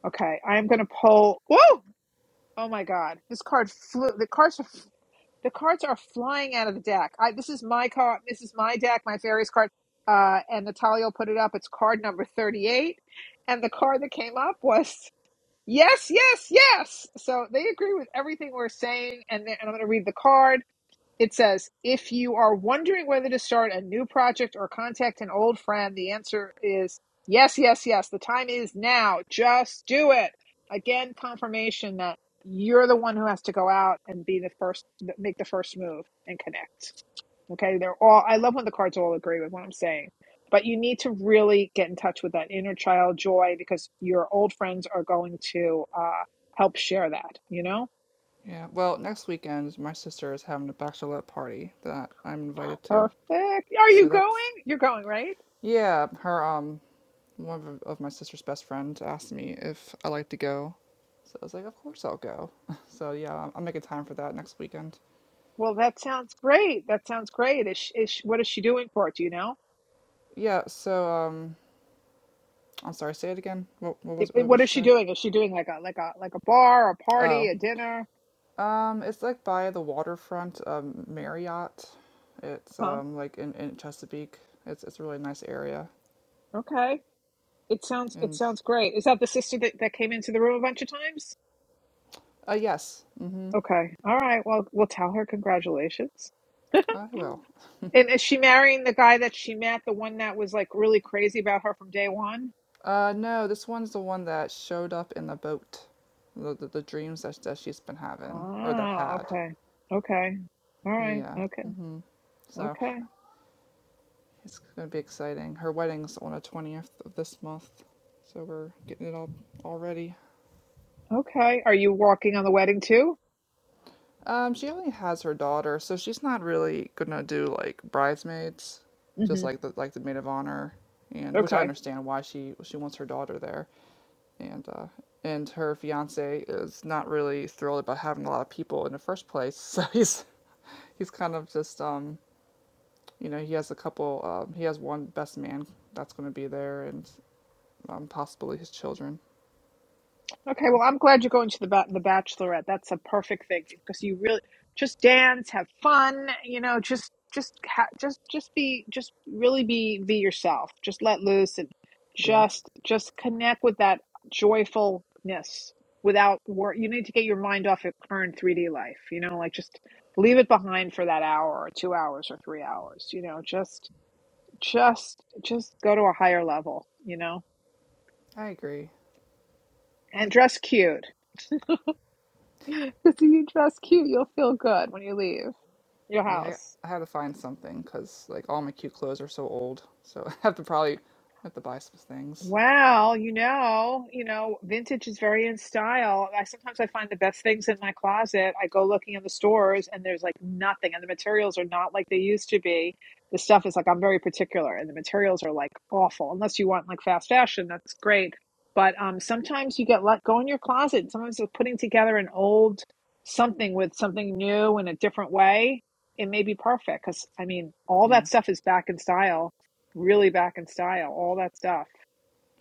B: okay i'm gonna pull whoa oh my god this card flew the cards are the cards are flying out of the deck i this is my card this is my deck my fairies card uh and natalia will put it up it's card number 38 and the card that came up was Yes, yes, yes. So they agree with everything we're saying. And, they- and I'm going to read the card. It says, if you are wondering whether to start a new project or contact an old friend, the answer is yes, yes, yes. The time is now. Just do it. Again, confirmation that you're the one who has to go out and be the first, make the first move and connect. Okay, they're all. I love when the cards all agree with what I'm saying, but you need to really get in touch with that inner child joy because your old friends are going to uh, help share that. You know,
I: Yeah, well, next weekend my sister is having a bachelorette party that I'm invited to.
B: perfect. Are you
I: So
B: going?
I: that's
B: You're going, right?
I: yeah, her um one of, of my sister's best friends asked me if I like to go. So I was like, of course I'll go. So yeah, I'm, I'm making time for that next weekend.
B: Well, that sounds great. That sounds great. Is she, is she, what is she doing for it? Do you know?
I: Yeah, so um I'm sorry, say it again. What what
B: It,
I: was
B: it-
I: what would
B: what
I: you
B: is she
I: say?
B: doing? Is she doing like a like a like a bar, a party,
I: Oh.
B: a dinner?
I: Um it's like by the waterfront um Marriott. It's
B: Huh?
I: um like in, in Chesapeake. It's it's a really nice area.
B: Okay. It sounds it
I: And
B: sounds great. Is that the sister that, that came into the room a bunch of times?
I: uh yes. mm Mhm.
B: Okay. All right. Well, we'll tell her congratulations.
I: I will.
B: And is she marrying the guy that she met, the one that was like really crazy about her from day one?
I: Uh, no, this one's the one that showed up in the boat. The, the, the dreams that, that she's been having, or that
B: Oh,
I: had.
B: okay. Okay. All right.
I: Yeah.
B: Okay.
I: hmm So
B: Okay.
I: it's going to be exciting. Her wedding's on the 20th of this month. So we're getting it all, all ready.
B: Okay. Are you walking on the wedding too?
I: Um, she only has her daughter, so she's not really going to do like bridesmaids, just
B: Mm-hmm.
I: like the, like the maid of honor. And which I
B: Okay.
I: understand why she she wants her daughter there, and uh, and her fiance is not really thrilled about having a lot of people in the first place. So he's he's kind of just um, you know he has a couple um, he has one best man that's going to be there and um, possibly his children.
B: Okay,
I: So
B: well, I'm glad you're going to the ba- the Bachelorette. That's a perfect thing because you really just dance, have fun, you know, just just ha- just just be just really be be yourself. Just let loose and
I: yeah,
B: just just connect with that joyfulness without work. You need to get your mind off your current 3D life, you know, like just leave it behind for that hour or 2 hours or 3 hours, you know, just just just go to a higher level, you know,
I: I agree.
B: and dress cute. Because if you dress cute, you'll feel good when you leave your
I: Yeah,
B: house.
I: I had to find something because like all my cute clothes are so old, so I have to probably I have to buy some things.
B: Wow, you know, you know, vintage is very in style. I sometimes I find the best things in my closet. I go looking in the stores and there's like nothing and the materials are not like they used to be. The stuff is like I'm very particular and the materials are like awful. Unless you want like fast fashion, that's great. But um sometimes you get let go in your closet. and Sometimes it's putting together an old something with something new in a different way. It may be perfect because I mean, all
I: Yeah.
B: that stuff is back in style, really back in style, all that stuff.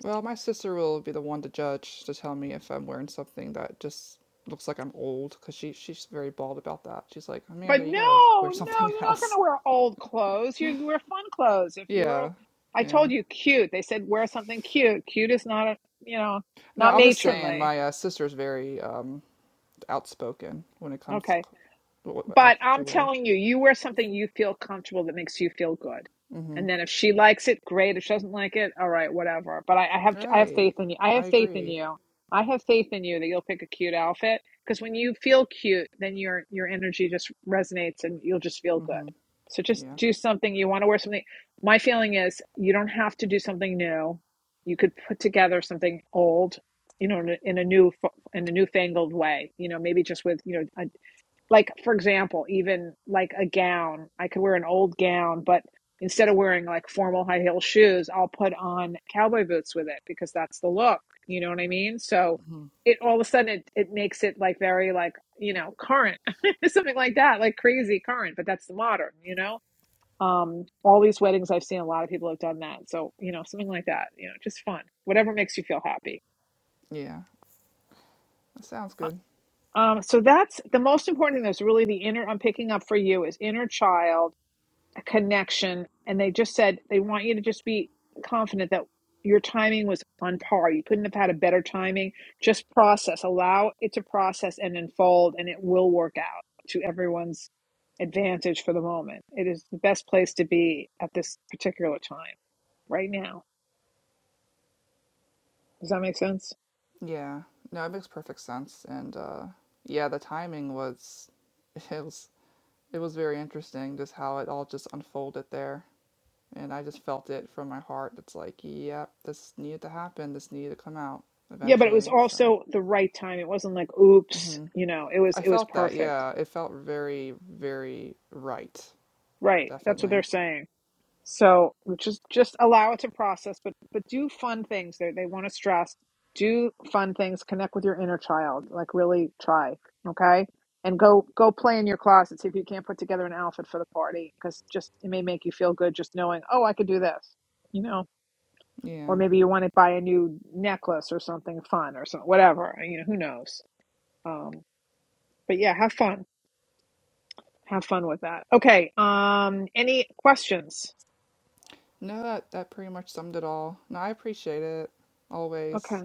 I: Well, my sister will be the one to judge to tell me if I'm wearing something that just looks like I'm old because she she's very bald about that. She's like,
B: But
I: Amanda,
B: no,
I: you gotta wear
B: no,
I: something
B: you're not going
I: else.
B: to wear old clothes. You wear fun clothes. If you were,
I: Yeah,
B: I
I: yeah.
B: told you, cute. They said wear something cute. Cute is not a, you know,
I: No,
B: not
I: I'm just saying
B: matronly.
I: my uh, sister's very um, outspoken when it comes to
B: Okay.
I: c- what, what
B: But
I: outfits you
B: I'm
I: wear.
B: telling you, you wear something you feel comfortable that makes you feel good.
I: Mm-hmm.
B: And then if she likes it, great. If she doesn't like it, all right, whatever. But I, I have I have faith
I: Right.
B: in you. I
I: I
B: have faith in
I: agree.
B: you. I have faith in you that you'll pick a cute outfit because when you feel cute, then your your energy just resonates and you'll just feel good.
I: Mm-hmm.
B: So just
I: Yeah.
B: do something you want to wear something. My feeling is you don't have to do something new. You could put together something old, you know, in a, in a new in a newfangled way. You know, maybe just with you know a like for example even like a gown i could wear an old gown but instead of wearing like formal high heel shoes i'll put on cowboy boots with it because that's the look you know what i mean so
I: Mm-hmm.
B: it all of a sudden it, it makes it like very like you know current something like that like crazy current but that's the modern you know um all these weddings i've seen a lot of people have done that so you know something like that you know just fun whatever makes you feel happy
I: Yeah. That sounds good.
B: Uh, um, so that's the most important thing that's really the inner I'm picking up for you is inner child a connection and they just said they want you to just be confident that your timing was on par you couldn't have had a better timing just process allow it to process and unfold and it will work out to everyone's advantage for the moment it is the best place to be at this particular time right now does that make sense
I: Yeah. No, it makes perfect sense. And uh, yeah, the timing was it was. it was very interesting just how it all just unfolded there. And I just felt it from my heart. It's like, yep, this needed to happen. This needed to come out
B: yeah but it was
I: eventually. So
B: also the right time it wasn't like oops
I: hmm
B: you know it was
I: I
B: it was
I: felt that.
B: perfect
I: Yeah. It felt very, very right.
B: right that's what they're
I: Definitely.
B: saying So just just allow it to process, but but do fun things. They they want to stress. Do fun things. Connect with your inner child. Like really try, okay? And go go play in your closet. See if you can't put together an outfit for the party because just it may make you feel good just knowing. Oh, I could do this, you know. Or
I: Yeah.
B: maybe you want to buy a new necklace or something fun or something whatever. You know who knows. Um, but yeah, have fun. Have fun with that. Okay. Um, any questions?
I: No, that, that pretty much summed it all. No, I appreciate it. Always.
B: Okay.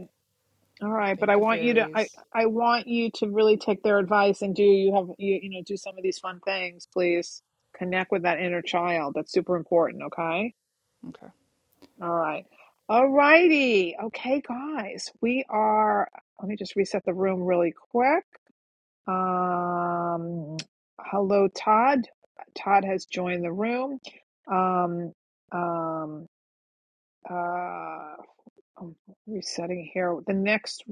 B: All right, but I
I: Thank you,
B: want you to I
I: fairies.
B: I want you to really take their advice and do you have you you know do some of these fun things, please. Connect with that inner child. That's super important, okay?
I: Okay.
B: All right. All righty. Okay, guys. We are let me just reset the room really quick. Um hello Todd. Todd has joined the room. Um um uh i resetting here. The next,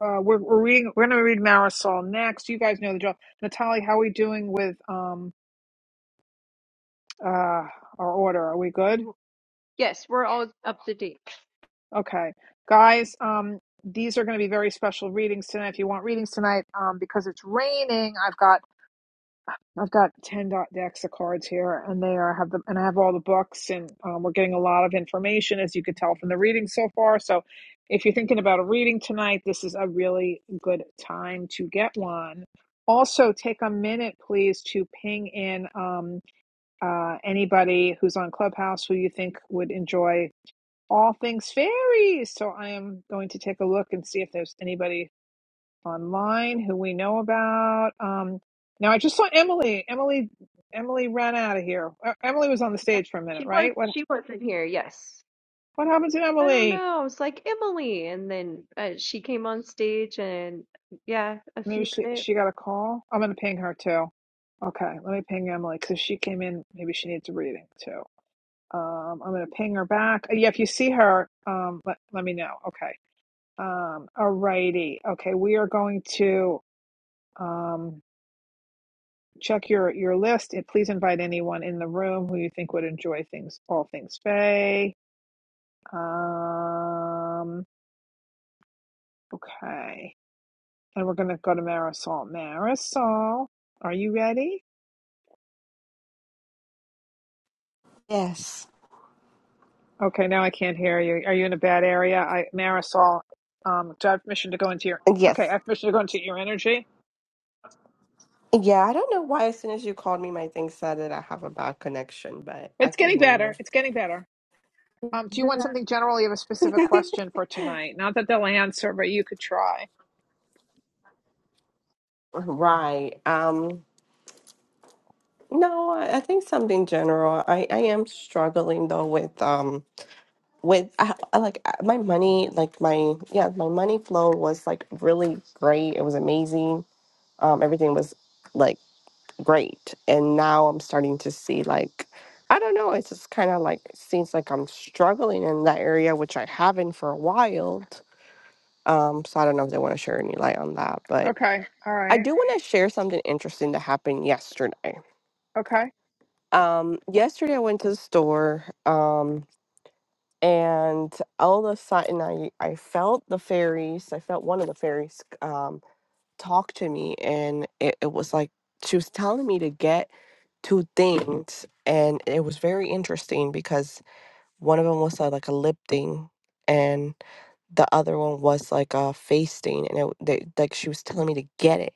B: uh, we're we're reading. We're going to read Marisol next. You guys know the drill. Natalie, how are we doing with um uh our order? Are we good?
A: Yes, we're all up to date.
B: Okay, guys. Um, these are going to be very special readings tonight. If you want readings tonight, um, because it's raining, I've got I've got ten dot decks of cards here, and they are have the and I have all the books, and um, we're getting a lot of information as you could tell from the reading so far. So, if you're thinking about a reading tonight, this is a really good time to get one. Also, take a minute, please, to ping in um, uh, anybody who's on Clubhouse who you think would enjoy all things fairies. So, I am going to take a look and see if there's anybody online who we know about. Um, now I just saw Emily. Emily. Emily ran out of here. Uh, Emily was on the
A: Yeah,
B: stage for a minute,
A: she was.
B: right? What
A: She wasn't here. Yes.
B: What happened to
A: I don't
B: Emily?
A: know. I was like, Emily. And then uh, she came on stage and yeah, a
B: Maybe
A: few
B: she
A: minutes.
B: she got a call. I'm gonna ping her too. Okay, let me ping Emily because if she came in, maybe she needs a reading too. Um, I'm gonna ping her back. Uh, Yeah, if you see her, um, let let me know. Okay. Um, alrighty. Okay, we are going to. Um, check your your list and please invite anyone in the room who you think would enjoy things all things Faye. Um okay. And we're gonna go to Marisol. Marisol, are you ready?
H: Yes.
B: Okay, now I can't hear you. Are you in a bad area? I Marisol, um do I have permission to go into your okay, I
H: Yes.
B: have permission to go into your energy.
H: Yeah, I don't know why as soon as you called me my thing said that I have a bad connection, but I
B: It's
H: can
B: getting
H: hear
B: better.
H: you.
B: It's getting better. Um, do you want something general? You have a specific question for tonight. Not that they'll answer, but you could try.
H: Right. Um no, I I think something general. I I am struggling though with Um. with I, I like I- my money like my yeah my money flow was like really great it was amazing um everything was like great and now i'm starting to see like i don't know it's just kind of like seems like i'm struggling in that area which i haven't for a while um so i don't know if they want to share any light on that but
B: Okay. All
H: i
B: right.
H: do want to share something interesting that happened yesterday
B: Okay.
H: um yesterday i went to the store um and all of a sudden I, I felt the fairies i felt one of the fairies um, talk to me and it, it was like she was telling me to get two things and it was very interesting because one of them was uh, like a lip thing and the other one was like a face thing and it, they, like she was telling me to get it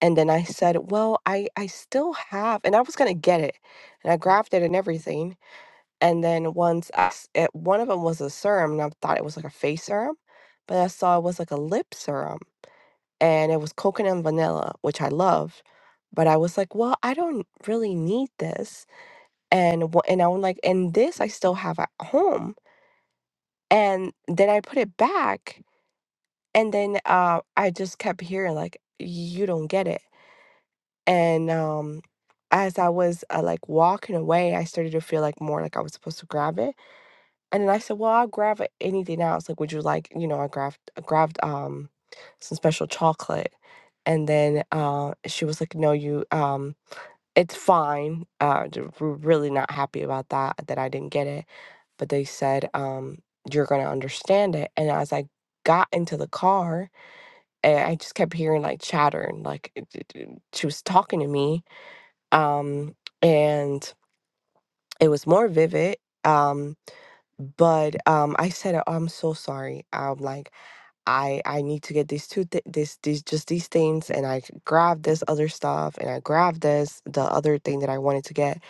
H: and then i said well i i still have and i was gonna get it and i grabbed it and everything and then once I s it one of 'em was a serum, and I thought it was like a face serum, but I saw it was like a lip serum, and it was coconut and vanilla, which I love, but I was like, "Well, I don't really need this," and wha and I'm like, "And this I still have at home," and then I put it back, and then, uh, I just kept hearing like, "You don't get it," and, um, as I was, uh, like, walking away, I started to feel like more like I was supposed to grab it. And then I said, "Well, I'll grab a- anything else. Like, would you like, you know, I grabbed I grabbed um some special chocolate." And then uh, she was like, "No, you um it's fine. Uh, d- we're really not happy about that that I didn't get it." But they said, um, "You're gonna understand it." And as I got into the car, and I just kept hearing like chatter and like it- it- it- she was talking to me. Um, and it was more vivid. Um, but um i said "Oh, i'm so sorry i'm like i i need to get these two th- this these just these things and i grabbed this other stuff and i grabbed this the other thing that i wanted to get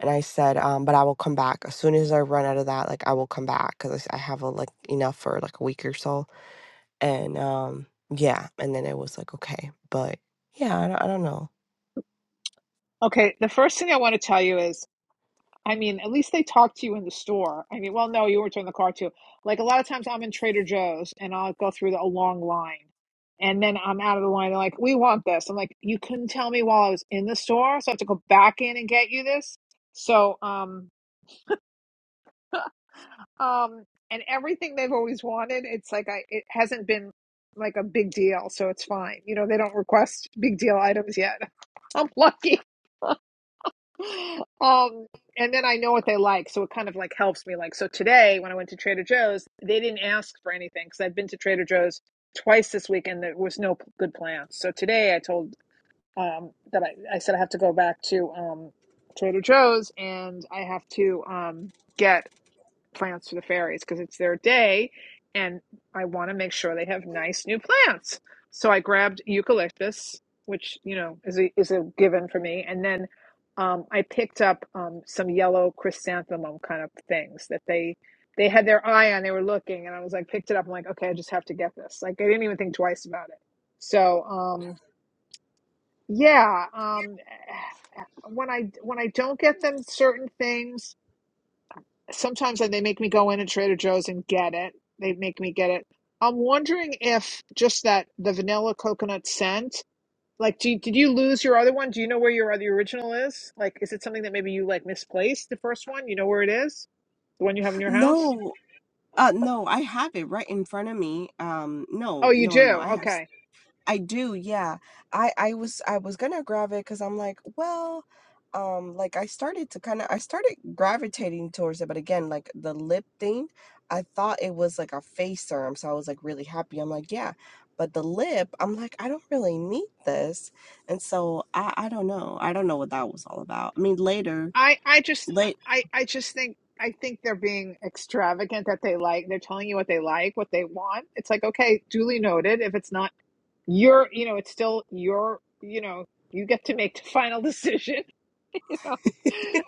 H: and i said um but i will come back as soon as i run out of that like i will come back because I, I have a, like enough for like a week or so and um yeah and then it was like okay but yeah i don't, I don't know
B: Okay, the first thing I want to tell you is, I mean, at least they talk to you in the store. I mean, well, no, you weren't in the car too. Like a lot of times, I'm in Trader Joe's and I'll go through the, a long line, and then I'm out of the line. They're like, "We want this." I'm like, "You couldn't tell me while I was in the store, so I have to go back in and get you this." So, um, um, and everything they've always wanted, it's like I it hasn't been like a big deal, so it's fine. You know, they don't request big deal items yet. I'm lucky. Um, and then I know what they like, so it kind of like helps me. Like, so today when I went to Trader Joe's, they didn't ask for anything because I've been to Trader Joe's twice this week and there was no p- good plans. So today I told um that I I said I have to go back to um Trader Joe's and I have to um get plants to the fairies because it's their day and I want to make sure they have nice new plants. So I grabbed eucalyptus, which, you know, is a, is a given for me. And then um, I picked up um, some yellow chrysanthemum kind of things that they they had their eye on. They were looking, and I was like, picked it up. I'm like, okay, I just have to get this. Like, I didn't even think twice about it. So, um, yeah, um, when I when I don't get them certain things, Sometimes like, they make me go in at Trader Joe's and get it. They make me get it. I'm wondering if just that the vanilla coconut scent, like, do, you, did you lose your other one? Do you know where your other original is? Like, is it something that maybe you like misplaced the first one? You know where it is? The one you have in your house?
H: no uh no i have it right in front of me um no
B: Oh, you
H: no no
B: do.
H: i have
B: Okay.
H: I do, yeah. I I was I was gonna grab it because I'm like, well, um, like I started to kind of I started gravitating towards it, but again, like the lip thing, I thought it was like a face serum, so I was like really happy. I'm like, yeah, but the lip, I'm like, I don't really need this, and so I I don't know, I don't know what that was all about. I mean, later,
B: I I just
H: late,
B: I I just think I think they're being extravagant that they like they're telling you what they like, what they want. It's like, okay, duly noted. If it's not you're you know it's still your you know you get to make the final decision you know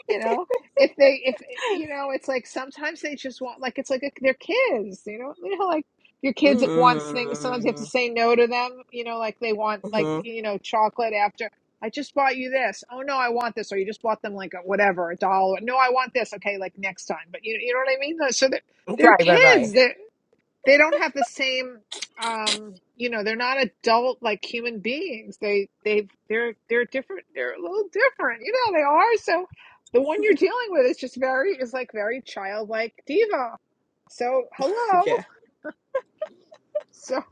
B: you know if they if you know it's like sometimes they just want like it's like a, they're kids you know you know like your kids wants things sometimes you have to
H: mm-hmm.
B: say no to them you know like they want like
H: mm-hmm.
B: you know chocolate after i just bought you this oh no i want this or you just bought them like a, whatever a dollar no i want this okay like next time but you, you know what i mean so they're, they're
H: right, right, right,
B: kids They they don't have the same um you know they're not adult like human beings they they they're they're different they're a little different you know they are so the one you're dealing with is just very is like very childlike diva so hello
H: yeah,
B: so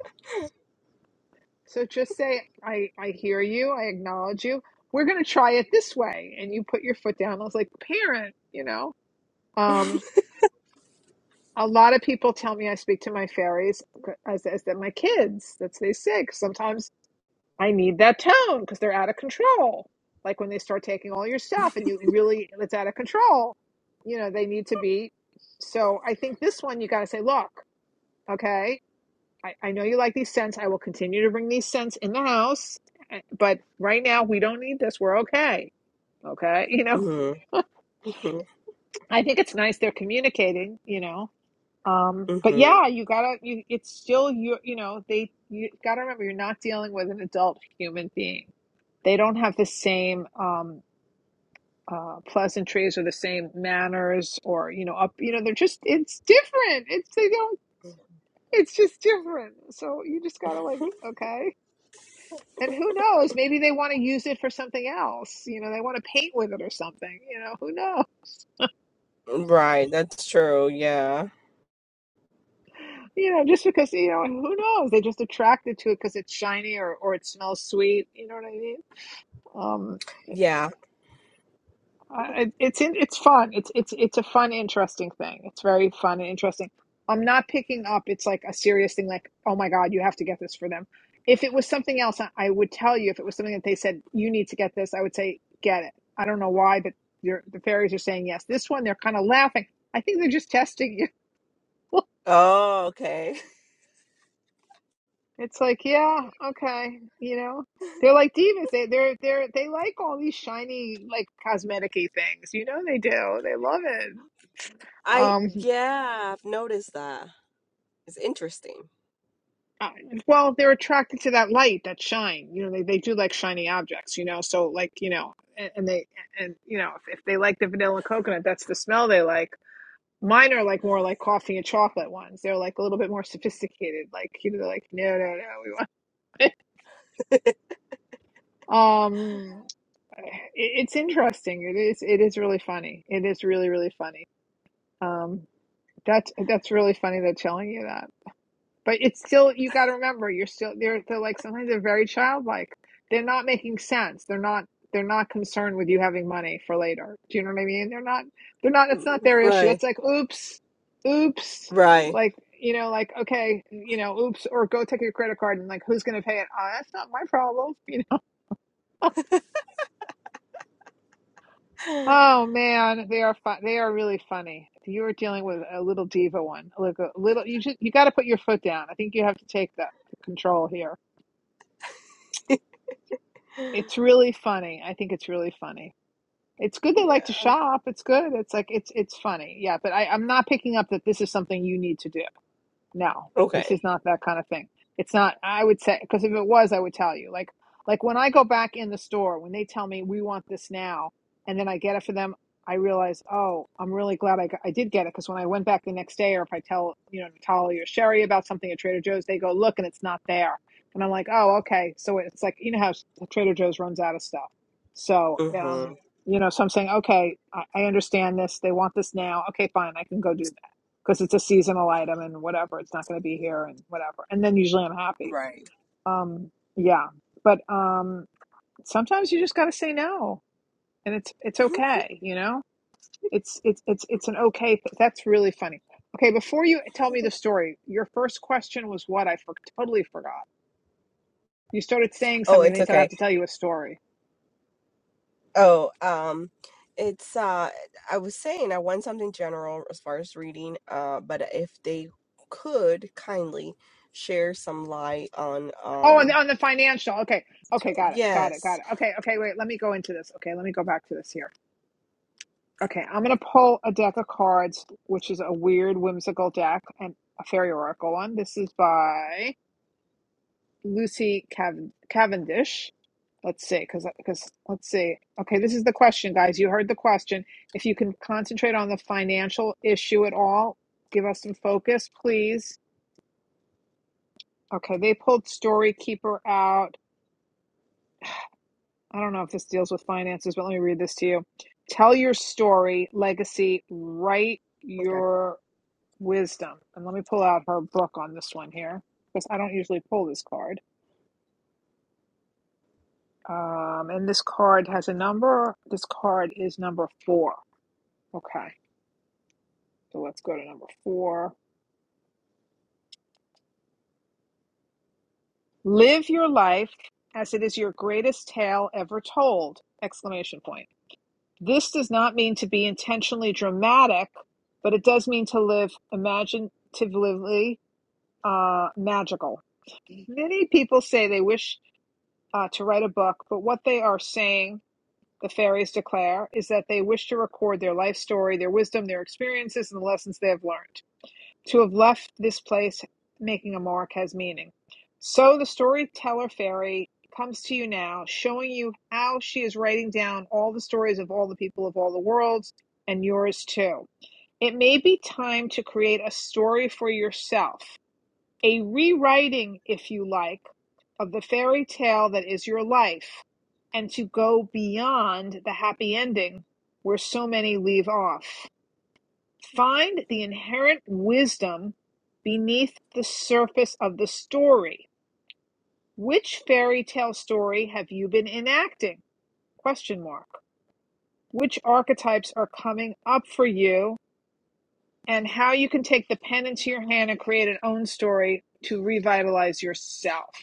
B: so just say i i hear you i acknowledge you we're going to try it this way and you put your foot down i was like parent you know um a lot of people tell me i speak to my fairies uh, as as that my kids that's what they say 'Cause sometimes I need that tone because they're out of control. Like when they start taking all your stuff and you really, it's out of control. You know, they need to be. So I think this one, you got to say, look, okay, I, I know you like these scents. I will continue to bring these scents in the house, eh, but right now we don't need this. We're okay. Okay. You know,
H: mm-hmm. mm-hmm.
B: I think it's nice they're communicating, you know. Um, but
H: Mhm.
B: yeah, you gotta, you, it's still you, you know, they, you gotta remember you're not dealing with an adult human being they don't have the same um, uh, pleasantries or the same manners or you know up you know they're just it's different it's they don't it's just different so you just gotta like okay and who knows maybe they want to use it for something else you know they want to paint with it or something you know who knows
H: Right, that's true. Yeah.
B: you know just because you know who knows they just attracted to it because it's shiny or or it smells sweet you know what i mean um
H: Yeah.
B: I- it- it's in, it's fun. It's it's it's a fun, interesting thing. It's very fun and interesting. I'm not picking up. It's like a serious thing. Like, oh my God, you have to get this for them. If it was something else, I I would tell you. If it was something that they said you need to get this, I would say get it. I don't know why, but you're, the fairies are saying yes. This one, they're kind of laughing. I think they're just testing you.
H: Oh, okay.
B: it's like, yeah, okay, you know. They're like divas. They they're they're they like all these shiny like cosmeticy things. You know they do. They love it.
H: I
B: Um.
H: yeah, I've noticed that. It's interesting.
B: Uh, well, they're attracted to that light, that shine. You know, they, they do like shiny objects, you know. So like, you know, and, and they and you know, if, if they like the vanilla coconut, that's the smell they like. Mine are like more like coffee and chocolate ones. They're like a little bit more sophisticated. Like, you know, they're like, no, no, no, we want it. um it, it's interesting it is it is really funny it is really really funny um that's that's really funny they're telling you that But it's still you got to remember you're still they're they're like sometimes they're very childlike. They're not making sense. They're not they're not concerned with you having money for later. Do you know what I mean? They're not they're not it's not
H: Mm,
B: their issue.
H: Right.
B: That's like oops, oops.
H: Right.
B: Like you know, like okay, you know, oops, or go take your credit card and like who's gonna pay it? Oh, that's not my problem. You know. Oh man, they are fun. They are really funny. You are dealing with a little diva one, like a little. You just you got to put your foot down. I think you have to take the, the control here It's really funny. I think it's really funny. It's good they like to
H: Yeah.
B: shop. It's good. It's like it's it's funny. Yeah, but I, I'm not picking up that this is something you need to do. No, this
H: Okay.
B: is not that kind of thing. It's not, I would say, because if it was, I would tell you. Like, like when I go back in the store, when they tell me we want this now, and then I get it for them, I realize, oh, I'm really glad I, got, I did get it. Because when I went back the next day, or if I tell, you know, Natalie or Sherry about something at Trader Joe's, they go, look, and it's not there. And I'm like, oh, okay. So it's like, you know how Trader Joe's runs out of stuff. So, um,
H: Mhm.
B: you know, so I'm saying, okay, I, I understand this. They want this now. Okay, fine. I can go do this because it's a seasonal item and whatever it's not going to be here and whatever and then usually i'm happy
H: Right.
B: um yeah but um sometimes you just got to say no and it's it's
H: Mm-hmm.
B: okay you know it's it's it's it's an okay th- that's really funny okay before you tell me the story your first question was what i for- totally forgot you started saying
H: Oh,
B: something and
H: it's
B: they said i have
H: okay.
B: to tell you a story
H: Oh, um it's uh I was saying I want something general as far as reading, uh but if they could kindly share some light on
B: oh and
H: um
B: on the financial okay
H: so,
B: okay got it got it got
H: yes.
B: it okay okay wait let me go into this okay let me go back to this here Okay, I'm gonna pull a deck of cards, which is a weird, whimsical deck and a fairy oracle one. This is by Lucy Cav- Cavendish. Let's see, because because let's see. Okay, this is the question, guys. You heard the question. If you can concentrate on the financial issue at all, give us some focus, please. Okay, they pulled Story Keeper out. I don't know if this deals with finances, but let me read this to you. Tell your story, legacy, write
H: Okay.
B: your wisdom. And let me pull out her book on this one here because I don't usually pull this card. Um, and this card has a number. This card is number four. Okay, so let's go to number four. Live your life as it is your greatest tale ever told! Exclamation point. This does not mean to be intentionally dramatic, but it does mean to live imaginatively uh, magical. Many people say they wish uh, to write a book, but what they are saying the fairies declare, is that they wish to record their life story, their wisdom, their experiences, and the lessons they have learned. To have left this place making a mark has meaning. So the storyteller fairy comes to you now, showing you how she is writing down all the stories of all the people of all the worlds and yours too. It may be time to create a story for yourself a rewriting, if you like, of the fairy tale that is your life, and to go beyond the happy ending where so many leave off. Find the inherent wisdom beneath the surface of the story. Which fairy tale story have you been enacting? Question mark. Which archetypes are coming up for you and how you can take the pen into your hand and create an own story to revitalize yourself.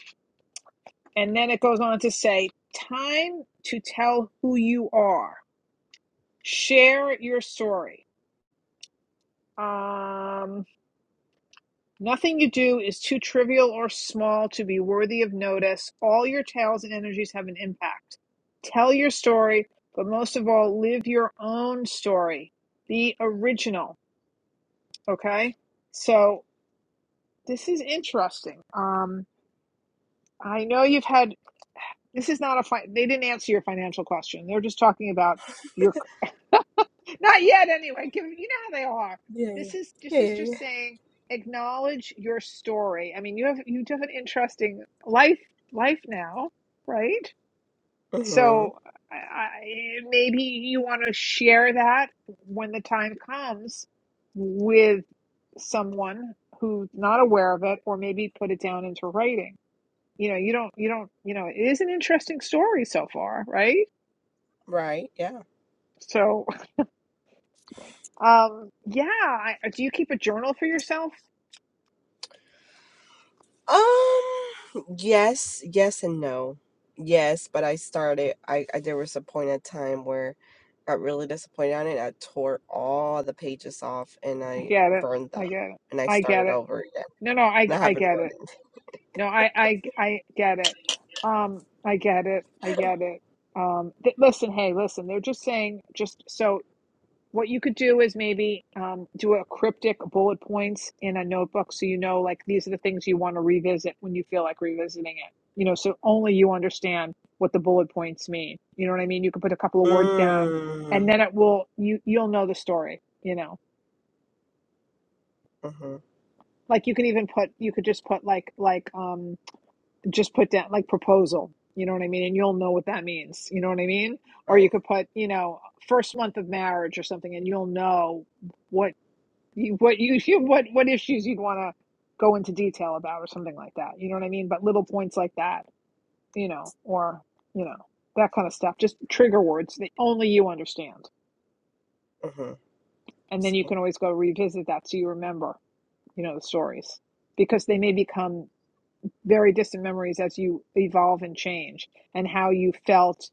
B: And then it goes on to say, time to tell who you are. Share your story. Um, nothing you do is too trivial or small to be worthy of notice. All your tales and energies have an impact. Tell your story, but most of all, live your own story. Be original. Okay. So this is interesting. Um, I know you've had, this is not a, fi- they didn't answer your financial question. They're just talking about your Not yet, anyway. Give, you know how they are.
H: Yeah.
B: This is this
H: Yeah. Yeah,
B: is
H: yeah.
B: just saying acknowledge your story. I mean, you have you have an interesting life life now, right?
H: hmm
B: So I, I, maybe you want to share that when the time comes with someone who's not aware of it, or maybe put it down into writing. You know, you don't you don't you know. It is an interesting story so far, right?
H: Right. Yeah.
B: So um, yeah. I, do you keep a journal for yourself?
H: Um. Yes. Yes, and no. Yes, but I started. I, I there was a point in time where I got really disappointed on it. I tore all the pages off and
B: I
H: I
B: get it.
H: burned them,
B: I get it.
H: and I
B: I get
H: started
B: it.
H: over again.
B: No, no, I
H: And I
B: I
H: haven't
B: get it.
H: written.
B: No, I I I get it. Um, I get it. I get it. Um, th- listen, hey, listen. They're just saying just so what you could do is maybe um do a cryptic bullet points in a notebook so you know like these are the things you want to revisit when you feel like revisiting it. You know, so only you understand what the bullet points mean. You know what I mean? You can put a couple of words down and
H: Mm.
B: then it will you you'll know the story, you know.
H: Mm-hmm.
B: like you can even put you could just put like like um just put down like proposal you know what i mean and you'll know what that means you know what i mean or
H: Right.
B: you could put you know first month of marriage or something and you'll know what you what you what what issues you'd want to go into detail about or something like that you know what i mean but little points like that you know or you know that kind of stuff just trigger words that only you understand
H: Mm-hmm.
B: and then
H: so,
B: you can always go revisit that so you remember you know the stories because they may become very distant memories as you evolve and change and how you felt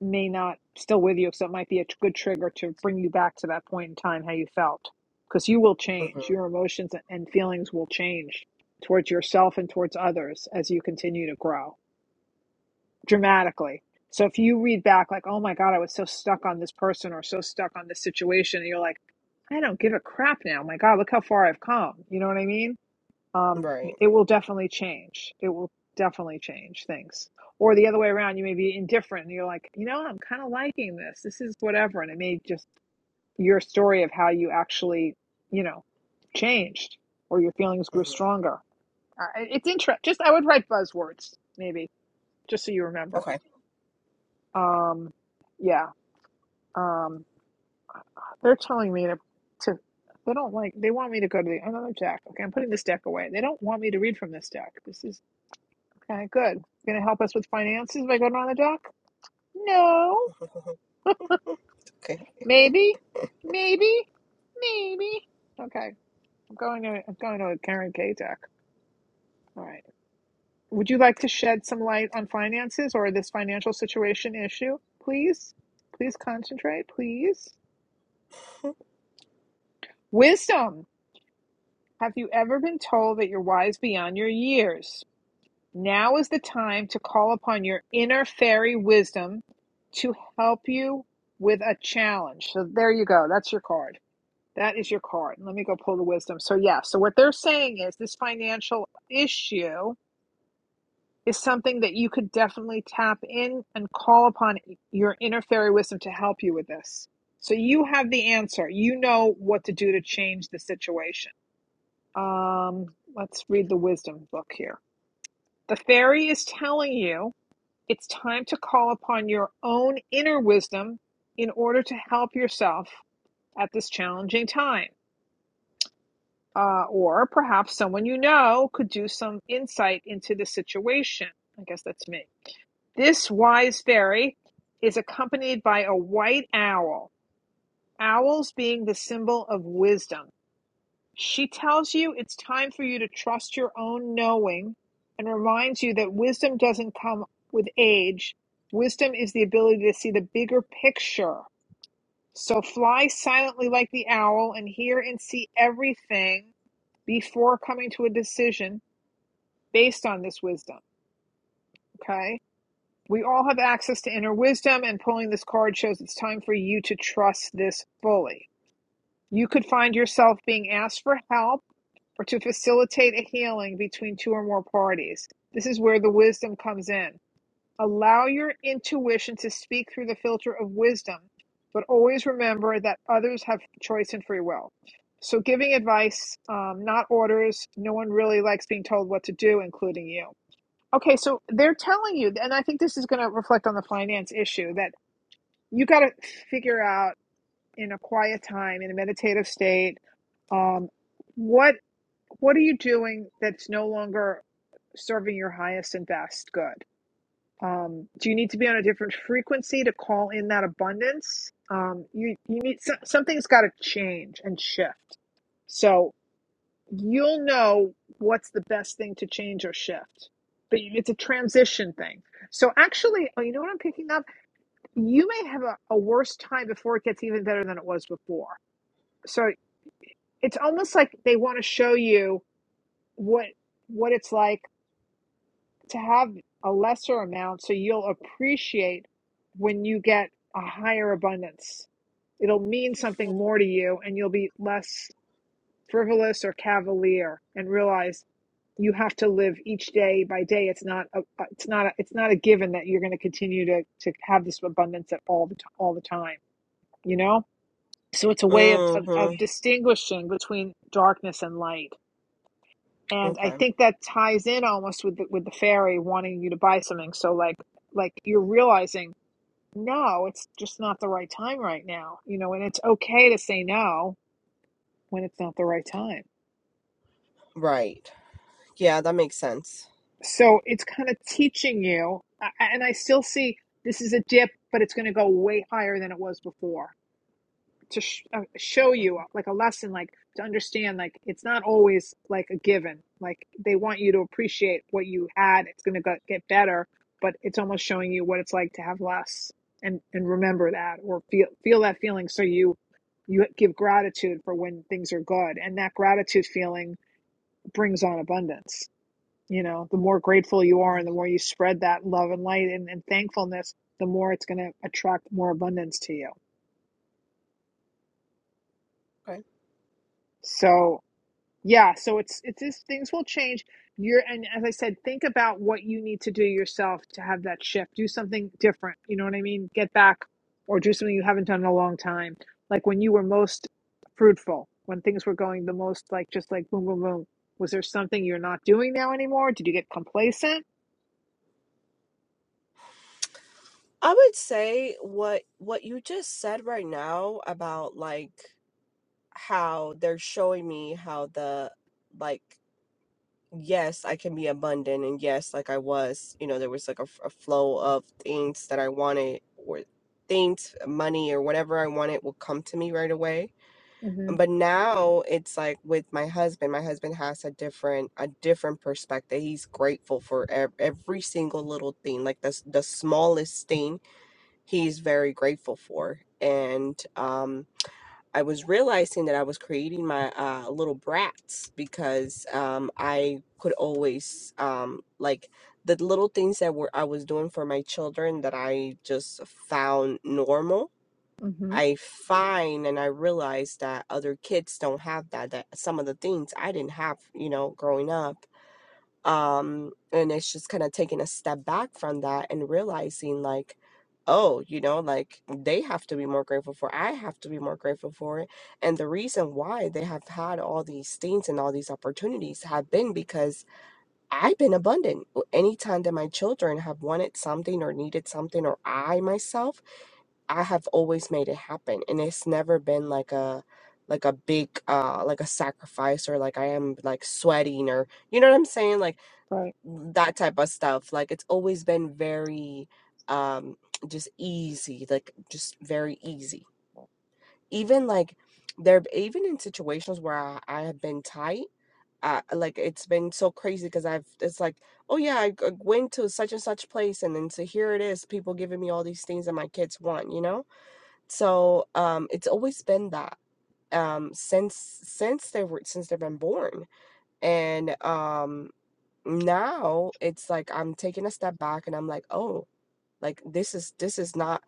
B: may not still with you so it might be a good trigger to bring you back to that point in time how you felt because you will change your
H: Mm-hmm.
B: emotions and feelings will change towards yourself and towards others as you continue to grow dramatically so if you read back like oh my god i was so stuck on this person or so stuck on this situation and you're like i don't give a crap now my god look how far i've come you know what i mean um,
H: Right.
B: it will definitely change. It will definitely change things. Or the other way around, you may be indifferent and you're like, you know, I'm kind of liking this. This is whatever. And it may just your story of how you actually, you know, changed or your feelings grew
H: Mm-hmm.
B: stronger. Uh, It's interesting. Just I would write buzzwords maybe just so you remember.
H: Okay.
B: Um, yeah. Um, they're telling me to, to they don't like they want me to go to the another deck. Okay, I'm putting this deck away. They don't want me to read from this deck. This is Okay, good. Going to help us with finances by going on the dock? No.
H: Okay.
B: Maybe. Maybe. Maybe. Okay, I'm going to I'm going to a Karen K deck. All right. Would you like to shed some light on finances or this financial situation issue? Please, please concentrate. Please. Wisdom. Have you ever been told that you're wise beyond your years? Now is the time to call upon your inner fairy wisdom to help you with a challenge. So there you go. That's your card. That is your card. Let me go pull the wisdom. So yeah, so what they're saying is this financial issue is something that you could definitely tap in and call upon your inner fairy wisdom to help you with this. So you have the answer. You know what to do to change the situation. Um, let's read the wisdom book here. The fairy is telling you it's time to call upon your own inner wisdom in order to help yourself at this challenging time. Uh, or perhaps someone you know could do some insight into the situation. I guess that's me. This wise fairy is accompanied by a white owl, owls being the symbol of wisdom. She tells you it's time for you to trust your own knowing and reminds you that wisdom doesn't come with age. Wisdom is the ability to see the bigger picture. So fly silently like the owl and hear and see everything before coming to a decision based on this wisdom. Okay? We all have access to inner wisdom, and pulling this card shows it's time for you to trust this fully. You could find yourself being asked for help or to facilitate a healing between two or more parties. This is where the wisdom comes in. Allow your intuition to speak through the filter of wisdom, but always remember that others have choice and free will. So, giving advice, um, not orders, no one really likes being told what to do, including you. Okay, so they're telling you, and I think this is going to reflect on the finance issue that you got to figure out in a quiet time, in a meditative state, um, what what are you doing that's no longer serving your highest and best good? Um, do you need to be on a different frequency to call in that abundance? Um, you you need so, something's got to change and shift. So you'll know what's the best thing to change or shift. But it's a transition thing. So actually, oh, you know what I'm picking up? You may have a, a worse time before it gets even better than it was before. So it's almost like they want to show you what what it's like to have a lesser amount so you'll appreciate when you get a higher abundance. It'll mean something more to you and you'll be less frivolous or cavalier and realize you have to live each day by day. It's not a, it's not a, it's not a given that you're going to continue to to have this abundance at all the t- all the time, you know? So it's a way of, of, of
H: Mm-hmm.
B: distinguishing between darkness and light and I
H: Okay.
B: think that ties in almost with the, with the fairy wanting you to buy something. So like like you're realizing no, it's just not the right time right now, you know, and it's okay to say no when it's not the right time.
H: Right. Yeah, that makes sense.
B: So it's kind of teaching you, and I still see this is a dip, but it's going to go way higher than it was before. to sh- uh, show you uh, like a lesson like to understand like it's not always like a given like they want you to appreciate what you had it's going to get better but it's almost showing you what it's like to have less and and remember that or feel feel that feeling so you you give gratitude for when things are good and that gratitude feeling brings on abundance you know the more grateful you are and the more you spread that love and light and, and thankfulness the more it's going to attract more abundance to you
H: Okay.
B: so Yeah, so it's it's just things will change. You're and as I said, think about what you need to do yourself to have that shift. Do something different. You know what I mean? Get back or do something you haven't done in a long time. Like when you were most fruitful, when things were going the most like just like boom boom boom. Was there something you're not doing now anymore? Did you get complacent?
H: I would say what what you just said right now about like how they're showing me how the like yes, I can be abundant and yes, like I was, you know, there was like a, f- a flow of things that I wanted or things, money or whatever I wanted will come to me right away.
B: hmm
H: but now it's like with my husband my husband has a different a different perspective he's grateful for ev- every single little thing like the s- the smallest thing he's very grateful for and um I was realizing that I was creating my uh, little brats because um, I could always um, like the little things that were I was doing for my children that I just found normal
B: hmm
H: I find and I realize that other kids don't have that, that some of the things I didn't have, you know, growing up. Um, and it's just kind of taking a step back from that and realizing, like, oh, you know, like they have to be more grateful for, it. I have to be more grateful for it. And the reason why they have had all these things and all these opportunities have been because I've been abundant. W- Anytime that my children have wanted something or needed something, or I myself, I have always made it happen. And it's never been like a like a big uh like a sacrifice or like I am like sweating or you know what I'm saying? Like
B: Right.
H: that type of stuff. Like it's always been very um just easy, like just very easy. Even like there even in situations where I, I have been tight uh, like it's been so crazy because I've it's like oh yeah I g- went to such and such place and then so here it is people giving me all these things that my kids want you know so um it's always been that um since since they were since they've been born and um now it's like I'm taking a step back and I'm like oh like this is this is not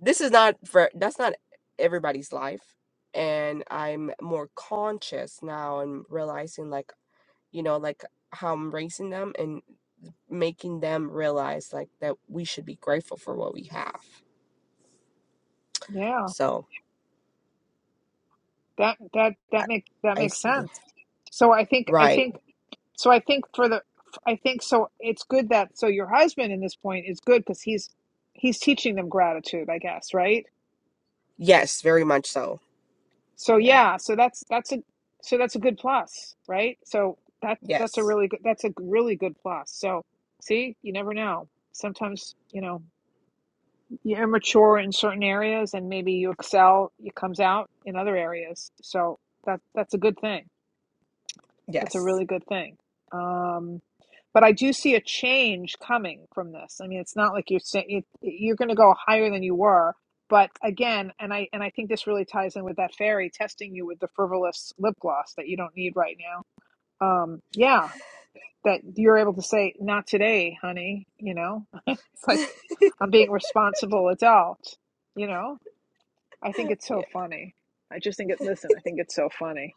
H: this is not for that's not everybody's life and I'm more conscious now and realizing like you know, like how I'm raising them and making them realize like that we should be grateful for what we have.
B: Yeah.
H: So
B: That that that make that
H: I
B: makes
H: see.
B: sense. So I think I
H: Right.
B: think So I think for the, I think so. It's good that so your husband in this point is good because he's he's teaching them gratitude, I guess, right?
H: Yes, very much so.
B: So
H: Yeah.
B: yeah, so that's that's a so that's a good plus, right? So that that's a
H: Yes.
B: really good that's a really good plus. So see, you never know. Sometimes you know you're immature in certain areas, and maybe you excel. It comes out in other areas. So that that's a good thing. That's a
H: Yes.
B: really good thing. Um. But I do see a change coming from this. I mean, it's not like you're saying you're going to go higher than you were. But again, and I and I think this really ties in with that fairy testing you with the frivolous lip gloss that you don't need right now. Um, yeah, that you're able to say, "Not today, honey." You know, it's like I'm being responsible adult. You know, I think it's so
H: Yeah.
B: funny. I just think it. Listen, I think it's so funny.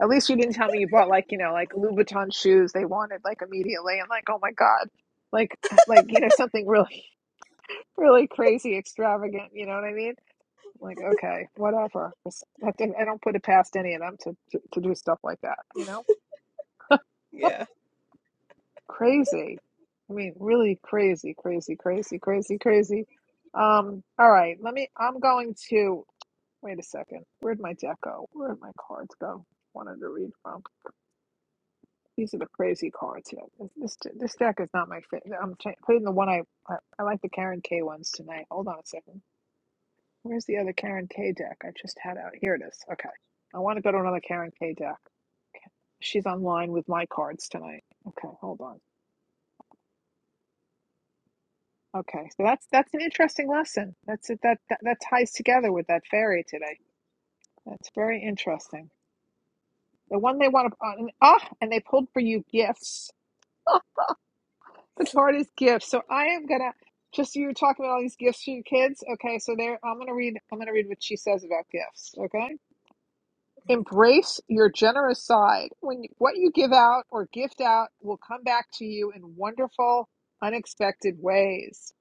B: At least you didn't tell me you bought like, you know, like Louboutin shoes they wanted like immediately. I'm like, oh my God. Like like, you know, something really really crazy, extravagant, you know what I mean? I'm like, okay, whatever. I I don't put it past any of them to, to to do stuff like that, you know?
H: Yeah.
B: Crazy. I mean, really crazy, crazy, crazy, crazy, crazy. Um, all right, let me I'm going to wait a second. Where'd my deck go? Where'd my cards go? Wanted to read from. These are the crazy cards here. This this, deck is not my favorite. I'm cha- putting the one I, I I like the Karen K ones tonight. Hold on a second. Where's the other Karen K deck I just had out? Here it is. Okay. I want to go to another Karen K deck. She's online with my cards tonight. Okay, hold on. Okay, so that's that's an interesting lesson. That's it. That, that that ties together with that fairy today. That's very interesting. The one they want to, uh, and, ah, and they pulled for you gifts. The card is gifts. So I am gonna just you were talking about all these gifts for your kids. Okay, so there I'm gonna read I'm gonna read what she says about gifts. Okay. Embrace your generous side. When you, what you give out or gift out will come back to you in wonderful, unexpected ways.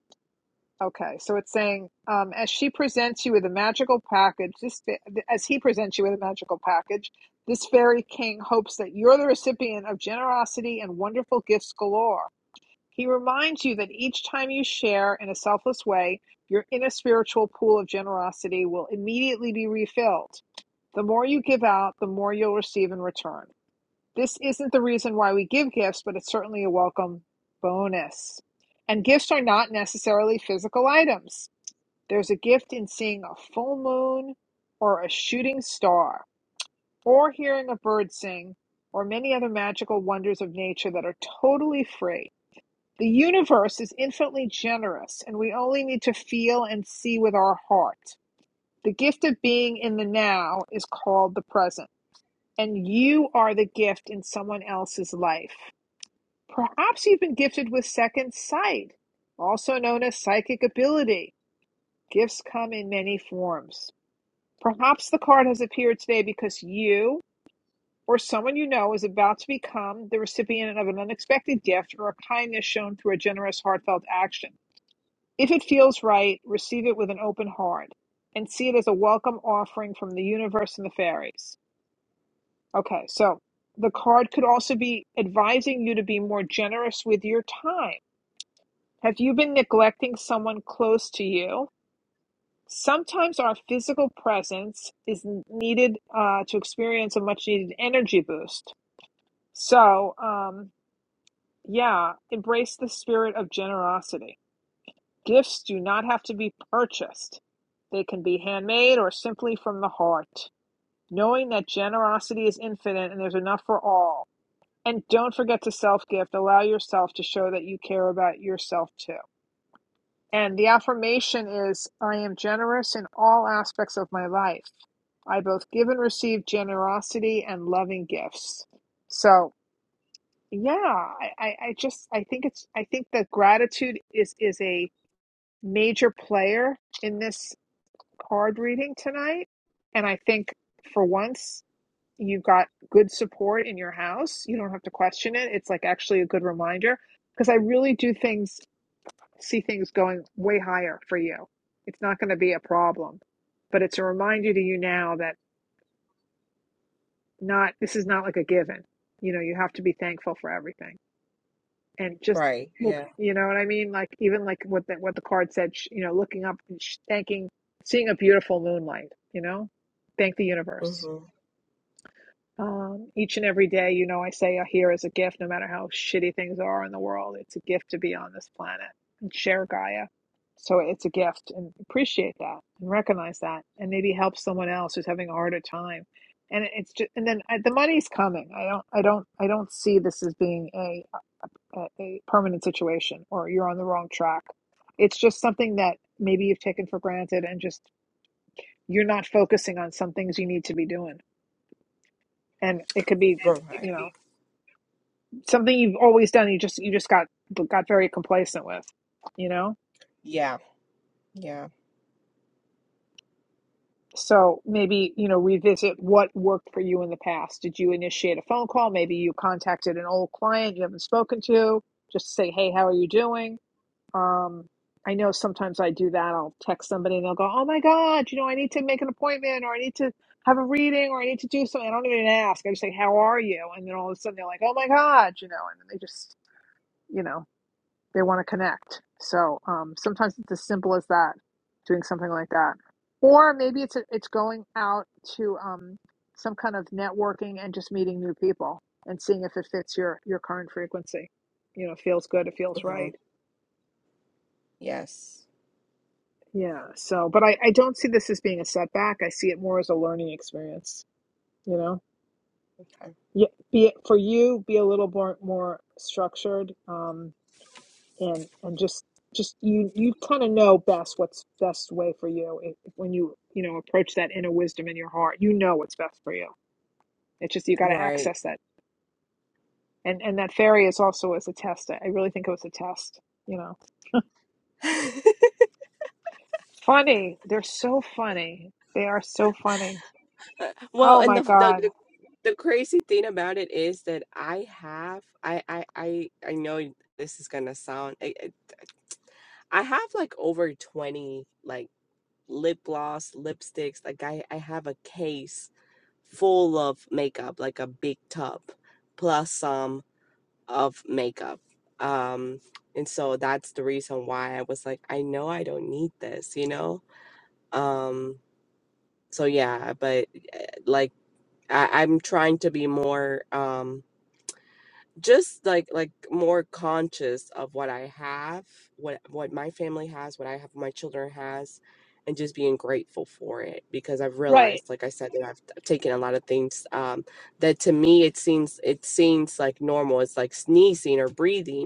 B: Okay, so it's saying um, as she presents you with a magical package, this fa- as he presents you with a magical package, this fairy king hopes that you're the recipient of generosity and wonderful gifts galore. He reminds you that each time you share in a selfless way, your inner spiritual pool of generosity will immediately be refilled. The more you give out, the more you'll receive in return. This isn't the reason why we give gifts, but it's certainly a welcome bonus. And gifts are not necessarily physical items. There's a gift in seeing a full moon or a shooting star or hearing a bird sing or many other magical wonders of nature that are totally free the universe is infinitely generous, and we only need to feel and see with our heart. The gift of being in the now is called the present, and you are the gift in someone else's life. Perhaps you've been gifted with second sight, also known as psychic ability. Gifts come in many forms. Perhaps the card has appeared today because you or someone you know is about to become the recipient of an unexpected gift or a kindness shown through a generous, heartfelt action. If it feels right, receive it with an open heart and see it as a welcome offering from the universe and the fairies. Okay, so the card could also be advising you to be more generous with your time. Have you been neglecting someone close to you? Sometimes our physical presence is needed uh, to experience a much needed energy boost. So, um, yeah, embrace the spirit of generosity. Gifts do not have to be purchased. They can be handmade or simply from the heart. Knowing that generosity is infinite and there's enough for all. And don't forget to self gift. Allow yourself to show that you care about yourself too. And the affirmation is I am generous in all aspects of my life. I both give and receive generosity and loving gifts. So, yeah, I, I, I just I think it's I think that gratitude is is a major player in this card reading tonight. And I think for once, you've got good support in your house. You don't have to question it. It's like actually a good reminder because I really do things, see things going way higher for you. It's not going to be a problem, but it's a reminder to you now that not, this is not like a given. You know, you have to be thankful for everything and just
H: Right.
B: look,
H: Yeah.
B: you know what I mean? Like even like what the, what the card said, you know, looking up and thanking, seeing a beautiful moonlight, you know, thank the universe.
H: Mm-hmm.
B: Um, each and every day, you know, I say are here is a gift, no matter how shitty things are in the world. It's a gift to be on this planet and share Gaia. So it's a gift and appreciate that and recognize that and maybe help someone else who's having a harder time. And it's just, and then uh, the money's coming. I don't, I don't, I don't see this as being a, a, a permanent situation or you're on the wrong track. It's just something that maybe you've taken for granted and just you're not focusing on some things you need to be doing. And it could be,
H: Right.
B: you know something you've always done you just you just got got very complacent with you know
H: Yeah. Yeah.
B: so maybe you know revisit what worked for you in the past did you initiate a phone call maybe you contacted an old client you haven't spoken to just to say hey how are you doing um i know sometimes i do that i'll text somebody and they'll go oh my god you know i need to make an appointment or i need to have a reading or i need to do something i don't even ask i just say how are you and then all of a sudden they're like oh my god you know and then they just you know they want to connect. So um, sometimes it's as simple as that, doing something like that, or maybe it's a, it's going out to um, some kind of networking and just meeting new people and seeing if it fits your your current frequency. You know, it feels good, it feels
H: Uh huh.
B: right.
H: Yes.
B: Yeah. So, but I I don't see this as being a setback. I see it more as a learning experience. You know,
H: Okay.
B: yeah. Be it for you, be a little more more structured. Um, and and just just you you kind of know best what's best way for you if, if when you you know approach that inner wisdom in your heart you know what's best for you it's just you got to
H: Right.
B: access that and and that fairy is also as a test i I really think it was a test you know funny they're so funny they are so funny
H: Well,
B: oh
H: and
B: my
H: the, the
B: god
H: the the crazy thing about it is that I have I I I I know this is gonna sound I, I I have like over 20 like lip gloss, lipsticks. Like I I have a case full of makeup, like a big tub, plus some of makeup. Um, and so that's the reason why I was like, I know I don't need this, you know? Um, so yeah, but eh, like I, I'm trying to be more. Um, just like like more conscious of what I have, what what my family has, what I have, my children has, and just being grateful for it because I've
B: right
H: realized, like I said, that I've, I've taken a lot of things um, that to me it seems it seems like normal. It's like sneezing or breathing,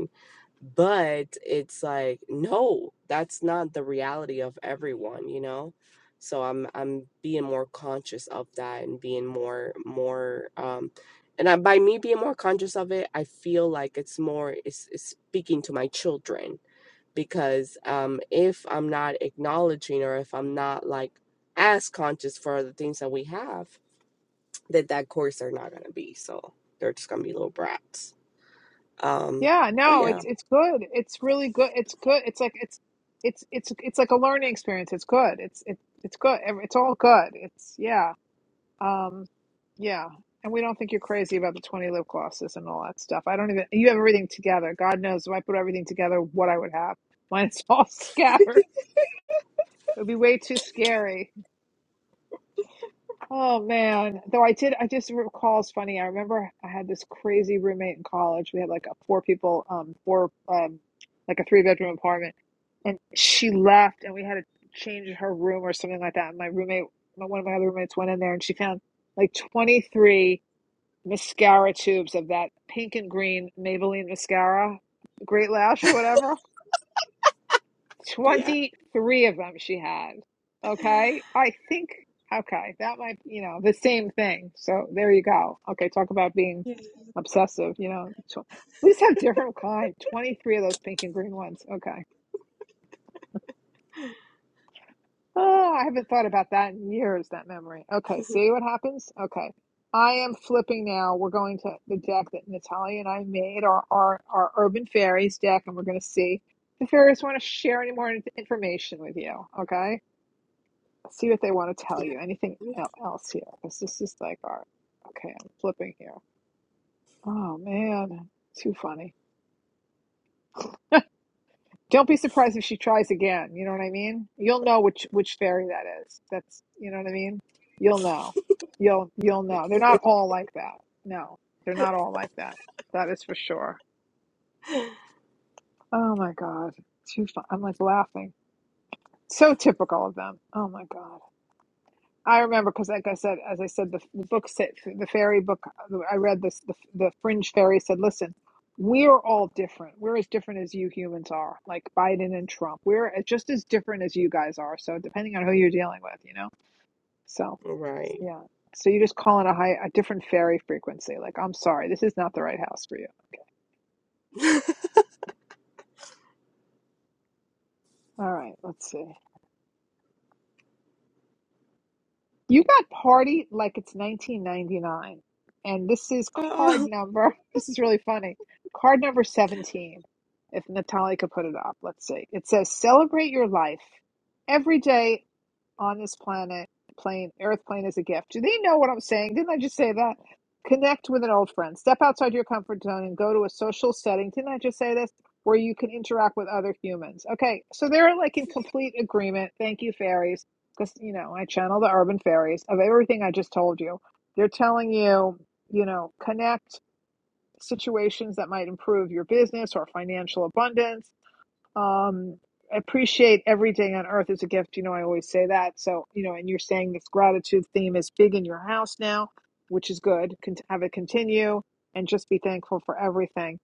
H: but it's like no that's not the reality of everyone you know so i'm i'm being more conscious of that and being more more um and I, by me being more conscious of it i feel like it's more it's, it's speaking to my children because um if i'm not acknowledging or if i'm not like as conscious for the things that we have that that course they're not going to be so they're just going to be little brats um
B: yeah
H: but
B: no
H: yeah
B: it's it's good it's really good it's good it's like it's it's it's it's like a learning experience it's good it's it's it's good Ev- it's all good it's yeah Um, yeah. And we don't think you're crazy about the 20 lip glosses and all that stuff. I don't even, you have everything together. God knows if I put everything together, what I would have. Mine's all scattered. It would be way too scary. Oh man. Though I did, I just recall, it's funny. I remember I had this crazy roommate in college. We had like a four people, um, four, um, like a three bedroom apartment. And she left and we had to change her room or something like that. And my roommate, one of my other roommates went in there and she found like 23. mascara tubes of that pink and green Maybelline mascara, Great Lash or whatever.
H: Yeah.
B: 23 of them she had. Okay. I think, okay, that might, you know, the same thing. So there you go. Okay. Talk about being obsessive, you know. we just have different kind. 23 of those pink and green ones. Okay. Oh, I haven't thought about that in years, that memory. Okay, see what happens? Okay. I am flipping now. We're going to the deck that Natalia and I made, our, our, our Urban Fairies deck, and we're going to see if fairies want to share any more in- information with you. Okay? See what they want to tell you. Anything el- else here? Because this is like our. Okay, I'm flipping here. Oh, man. Too funny. Don't be surprised if she tries again. You know what I mean? You'll know which which fairy that is. That's you know what I mean. You'll know. You'll you'll know. They're not all like that. No, they're not all like that. That is for sure. Oh my god, too fun. I'm like laughing. So typical of them. Oh my god. I remember because, like I said, as I said, the, the book said, the fairy book I read, this the, the fringe fairy said, "Listen, we're all different. We're as different as you humans are, like Biden and Trump. We're as- just as different as you guys are. So depending on who you're dealing with, you know. So
H: Right.
B: yeah. So you just call in a high, a different fairy frequency. Like, I'm sorry, this is not the right house for you. Okay. All right. Let's see. You got party like it's 1999. And this is card
H: Oh,
B: number, this is really funny. Card number 17, if Natalie could put it up. Let's see. It says, Celebrate your life every day on this planet plane earth plane is a gift do they know what i'm saying didn't i just say that connect with an old friend step outside your comfort zone and go to a social setting didn't i just say this where you can interact with other humans okay so they're like in complete agreement thank you fairies because you know i channel the urban fairies of everything i just told you they're telling you you know connect situations that might improve your business or financial abundance um, appreciate everything on earth as a gift. You know, I always say that. So, you know, and you're saying this gratitude theme is big in your house now, which is good. Can have it continue and just be thankful for everything.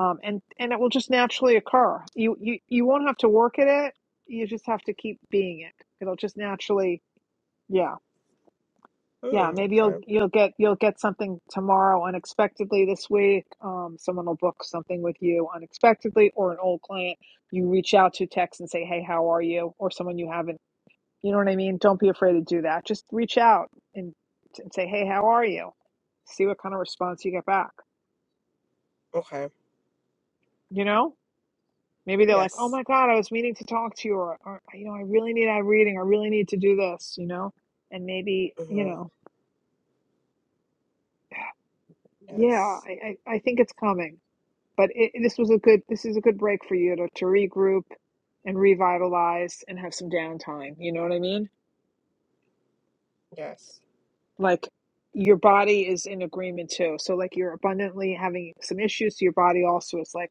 B: Um, and and it will just naturally occur. You you you won't have to work at it. You just have to keep being it. It'll just naturally. Yeah. Yeah,
H: mm,
B: maybe
H: okay.
B: you'll you'll get you'll get something tomorrow unexpectedly this week. Um, someone will book something with you unexpectedly, or an old client you reach out to text and say, "Hey, how are you?" Or someone you haven't, you know what I mean? Don't be afraid to do that. Just reach out and, and say, "Hey, how are you?" See what kind of response you get back.
H: Okay.
B: You know, maybe they're like, "Oh
H: Yes.
B: my God, I was meaning to talk to you," or, or "You know, I really need a reading. I really need to do this." You know, and maybe you
H: hmm
B: know, yeah,
H: Yes.
B: I I, I think it's coming But it, this was a good. This is a good break for you to to regroup and revitalize and have some downtime. You know what I mean?
H: Yes.
B: Like your body is in agreement too. So like you're abundantly having some issues. So your body also is like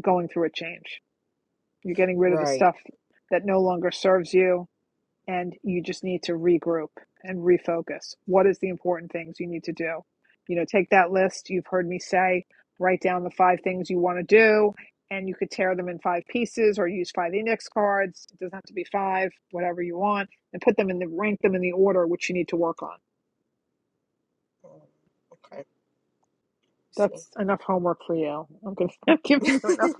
B: going through a change. You're getting rid of the
H: Right.
B: stuff that no longer serves you and you just need to regroup and refocus. What is the important things you need to do? You know, take that list you've heard me say, write down the five things you want to do, and you could tear them in five pieces or use five index cards. It doesn't have to be five, whatever you want, and put them in the rank them in the order which you need to work on.
H: Mm, Okay. See.
B: That's enough homework for you. I'm going to give you enough.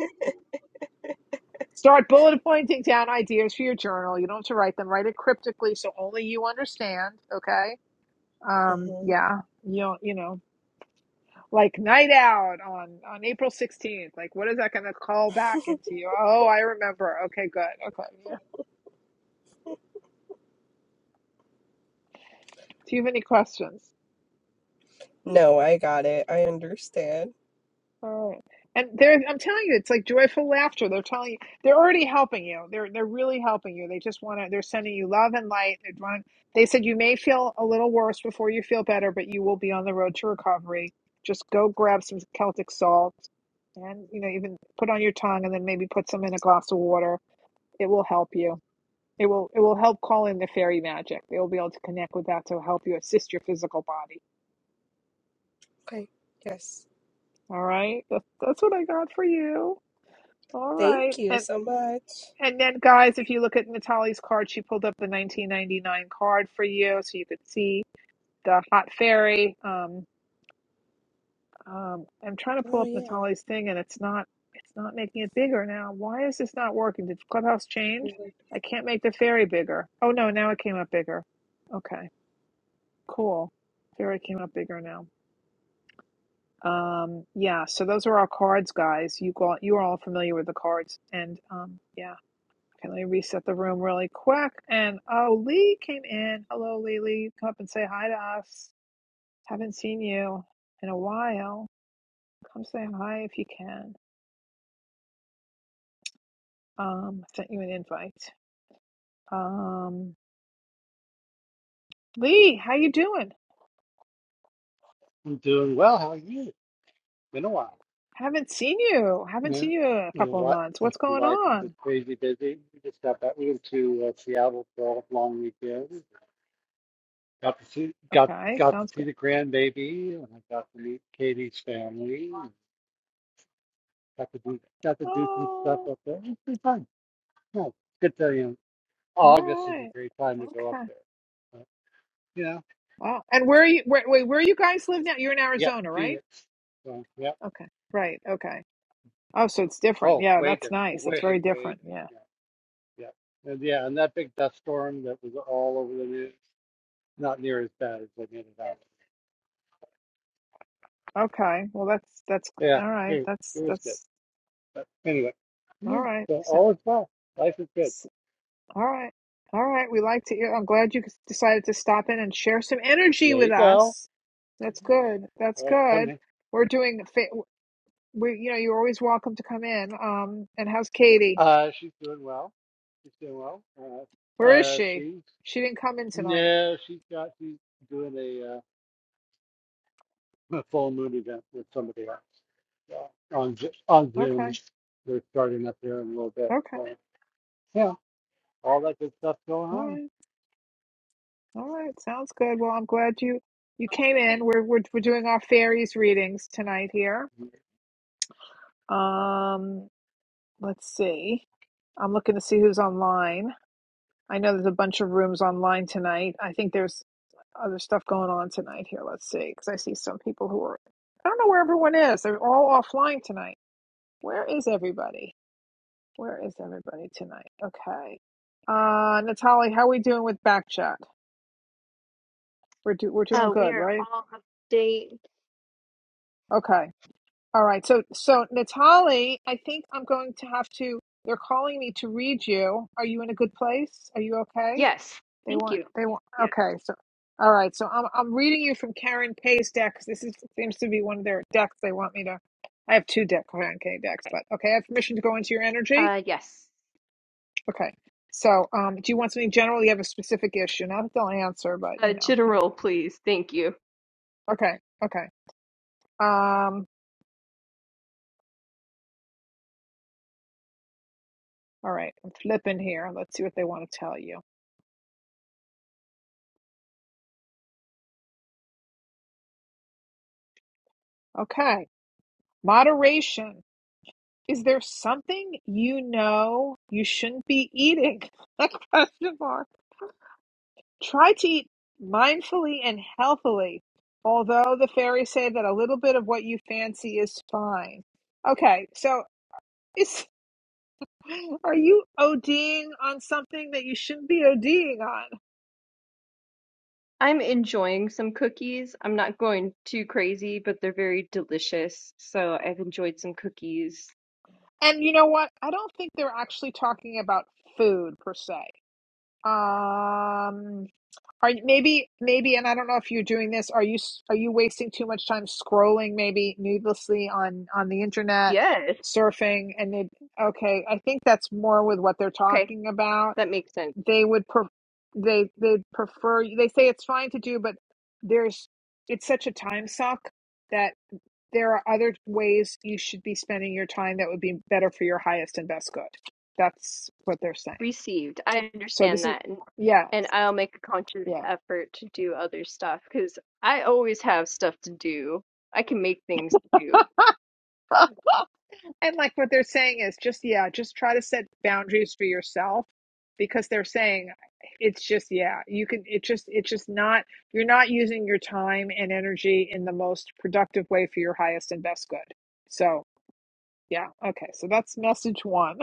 B: Start bullet pointing down ideas for your journal. You don't have to write them. Write it cryptically so only you understand. Okay. Um,
H: hmm
B: yeah. You know, you know. like night out on on April 16th. Like, what is that going to call back into you? Oh, I remember. Okay, good. Okay. Yeah. Do you have any questions?
H: No, I got it. I understand.
B: All right. And they're, I'm telling you, it's like joyful laughter. They're telling you, they're already helping you. They're, they're really helping you. They just want to, they're sending you love and light. they want. they said you may feel a little worse before you feel better, but you will be on the road to recovery. Just go grab some Celtic salt and, you know, even put on your tongue and then maybe put some in a glass of water. It will help you It will it will help call in the fairy magic. They will be able to connect with that to help you assist your physical body.
H: Okay. Yes.
B: All right, that's, that's what I got for you. All right,
H: Thank you
B: and
H: so much.
B: and then guys, if you look at Natalie's card, she pulled up the 1999 card for you, so you could see the hot fairy. Um, um, I'm trying to pull
H: Oh
B: up
H: yeah.
B: Natalie's thing, and it's not it's not making it bigger now. Why is this not working? Did Clubhouse change? I can't make the fairy bigger. Oh no, now it came up bigger. Okay, cool. Fairy came up bigger now. Um, yeah, so those are our cards, guys. You got you are all familiar with the cards. And um, yeah. Okay, let me reset the room really quick. And oh, Lee came in. Hello, Lee. Lee, come up and say hi to us. Haven't seen you in a while. Come say hi if you can. Um, I sent you an invite. Um, Lee, how you doing?
J: I'm doing well. How are you? Been a while.
B: Haven't seen you. Haven't
J: Yeah.
B: seen you in a
J: And
B: couple of
J: what?
B: months. What's going
J: Life is
B: on?
J: just crazy busy. We just got back. We went to uh, Seattle for a long weekend. Got to see got
B: Okay,
J: got to
B: sounds
J: see
B: good.
J: the grandbaby, and I got to meet Katie's family. and Got to do got to do some stuff
B: Oh,
J: up there. It's pretty fun. Yeah, good to you. Know,
B: all
J: August is a
B: right.
J: great time to go up
B: Okay.
J: there. But, you know,
B: Wow. And where are you? Where, wait, where you guys live now? You're in
J: yeah,
B: Arizona, right?
J: Phoenix. So yeah.
B: Okay. Right. Okay. Oh, so it's different.
J: Oh,
B: Yeah,
J: way
B: that's
J: different.
B: nice. That's
J: Way
B: very
J: way different.
B: different. Yeah.
J: Yeah. Yeah. And yeah, and that big dust storm that was all over the news, not near as bad as they made it out.
B: Okay. Well, that's that's
J: Yeah.
B: all right.
J: Anyway, it
B: That's
J: was good.
B: that's
J: But anyway,
B: all
J: yeah.
B: right.
J: So
B: So,
J: all is well. Life is good.
B: s- all right. All right. We like to. I'm glad you decided to stop in and share some energy
J: There
B: with
J: you go.
B: us. That's good. That's
J: Uh, come
B: good.
J: in.
B: We're doing. fa- We, you know, you're always welcome to come in. Um, and how's Katie?
J: Uh, she's doing well. She's doing well. Uh,
B: Where is
J: uh,
B: she?
J: she's
B: She didn't come in tonight.
J: no, she's got she's doing a, uh, a full moon event with somebody else uh, on Zo- on
B: Okay.
J: Zoom. They're starting up there in a little bit.
B: Okay.
J: So yeah, all that good stuff going
B: All right. All right, sounds good. Well, I'm glad you you came in. We're we're we're doing our fairies readings tonight here.
J: on.
B: Um, let's see. I'm looking to see who's online. I know there's a bunch of rooms online tonight. I think there's other stuff going on tonight here. Let's see, because I see some people who are. I don't know where everyone is. They're all offline tonight. Where is everybody? Where is everybody tonight? Okay. Uh, Natalie, how are we doing with back chat? We're do, we're doing
A: Oh, we
B: good,
A: are
B: right?
A: all up to date.
B: Okay. All right. So, so Natali, I think I'm going to have to. They're calling me to read you. Are you in a good place? Are you okay?
A: Yes.
B: They
A: Thank
B: want.
A: you.
B: They want.
A: Yes.
B: Okay. So, all right. So I'm I'm reading you from Karen Pay's deck 'cause this is, seems to be one of their decks. They want me to. I have two deck Karen K decks,
A: Okay.
B: but okay. I have permission to go into your energy.
A: Uh, yes.
B: Okay. So, um, do you want something general? You have a specific issue. Not that they'll answer, but
A: Uh,
B: you know. Hey.
A: general, please. Thank you.
B: Okay. Okay. Um. All right. I'm flipping here. Let's see what they want to tell you. Okay. Moderation. Is there something you know you shouldn't be eating? A Question mark. Try to eat mindfully and healthily, although the fairies say that a little bit of what you fancy is fine. Okay, so is are you ODing on something that you shouldn't be ODing on?
A: I'm enjoying some cookies. I'm not going too crazy, but they're very delicious. So I've enjoyed some cookies.
B: And you know what? I don't think they're actually talking about food per se. Um, are you, maybe maybe, and I don't know if you're doing this. Are you s- are you wasting too much time scrolling, maybe needlessly on on the internet,
A: Yes.
B: surfing? And it, okay, I think that's more with what they're
A: Okay.
B: talking about.
A: That makes sense.
B: They would pre- they they prefer. They say it's fine to do, but there's it's such a time suck that there are other ways you should be spending your time that would be better for your highest and best good. That's what they're saying.
A: received. I
B: So
A: understand
B: this is
A: that, and
B: yeah.
A: and I'll make a conscious
B: Yeah.
A: effort to do other stuff because I always have stuff to do. I can make things to do.
B: And like what they're saying is just, yeah, just try to set boundaries for yourself because they're saying it's just, yeah, you can, it just, it's just not, you're not using your time and energy in the most productive way for your highest and best good. So, yeah. Okay. So that's message one.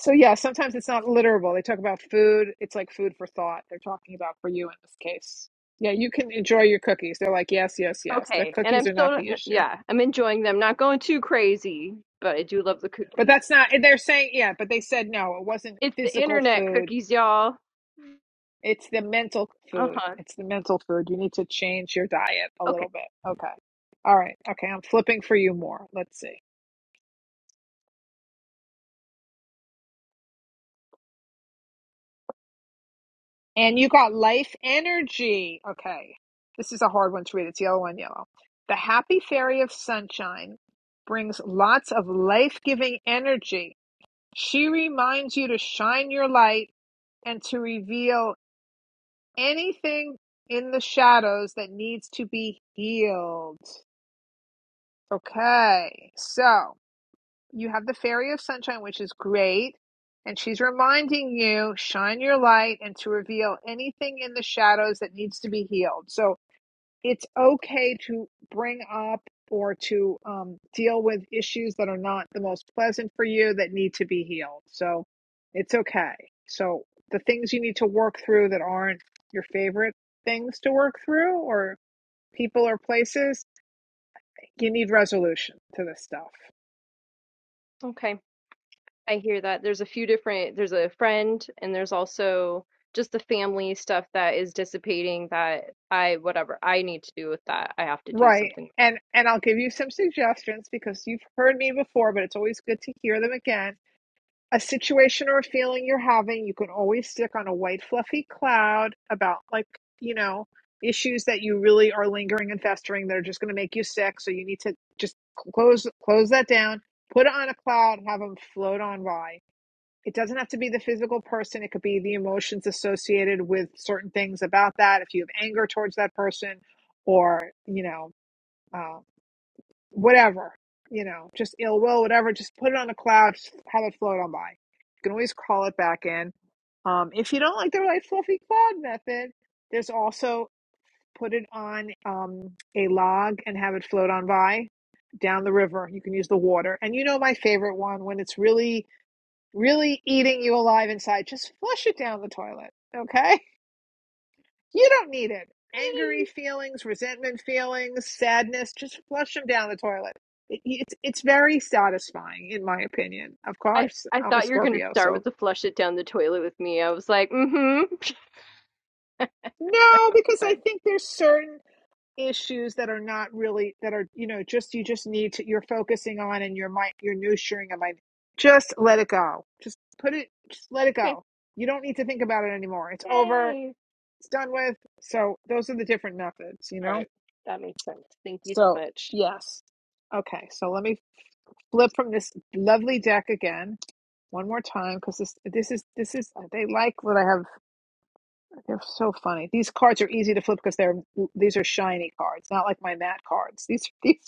B: So, yeah, sometimes it's not literal. They talk about food. It's like food for thought. They're talking about for you in this case. Yeah. You can enjoy your cookies. They're like, yes, yes, yes. The
A: Okay, and
B: cookies
A: I'm
B: are not
A: still
B: the issue.
A: yeah, I'm enjoying them. Not going too crazy, but I do love the
B: But
A: cookies.
B: that's not, they're saying, yeah, but they said no, it wasn't
A: It's the
B: physical
A: internet
B: food.
A: cookies, y'all.
B: It's the mental
A: Uh
B: food.
A: huh.
B: It's the mental food. You need to change your diet a
A: Okay.
B: little bit. Okay. All right. Okay. I'm flipping for you more. Let's see. And you got life energy. Okay. This is a hard one to read. It's yellow on yellow. The happy fairy of sunshine brings lots of life giving energy. She reminds you to shine your light and to reveal Anything in the shadows that needs to be healed. Okay, so you have the Fairy of Sunshine, which is great. And she's reminding you, shine your light and to reveal anything in the shadows that needs to be healed. So it's okay to bring up or to um, deal with issues that are not the most pleasant for you that need to be healed. So it's okay. So the things you need to work through that aren't your favorite things to work through or people or places, you need resolution to this stuff.
A: Okay. I hear that. There's a few different. There's a friend, and there's also just the family stuff that is dissipating. That I whatever I need to do with that, I have to do
B: Right.
A: something.
B: And and I'll give you some suggestions because you've heard me before, but it's always good to hear them again a situation or a feeling you're having, you can always stick on a white fluffy cloud about like, you know, issues that you really are lingering and festering that are just going to make you sick. So you need to just close close that down, put it on a cloud, have them float on by. It doesn't have to be the physical person. It could be the emotions associated with certain things about that. If you have anger towards that person, or you know, uh, whatever, you know, just ill will, whatever, just put it on a cloud, just have it float on by. You can always call it back in. Um, if you don't like the light fluffy cloud method, there's also put it on um, a log and have it float on by down the river. You can use the water. And you know my favorite one when it's really, really eating you alive inside, just flush it down the toilet. Okay? You don't need it. Angry feelings, resentment feelings, sadness, just flush them down the toilet. It, it's it's very satisfying, in my opinion. Of
A: I
B: course,
A: I
B: I'm a
A: thought you were gonna
B: Scorpio,
A: start with
B: so
A: the flush it down the toilet with me. I was like, mm-hmm.
B: no, because
A: But
B: I think there's certain issues that are not really that are you know just you just need to you're focusing on and your mind you're nurturing a mind. Just let it go. Just put it. Just let it
A: okay,
B: go. You don't need to think about it anymore. It's over.
A: yay!
B: It's done with. So those are the different methods, you
A: All
B: know
A: right, that makes sense. Thank you so
B: So,
A: much.
B: yes. Okay, so let me flip from this lovely deck again one more time because this this is this is uh, they like what I have. They're so funny. These cards are easy to flip because they're these are shiny cards, not like my matte cards. These these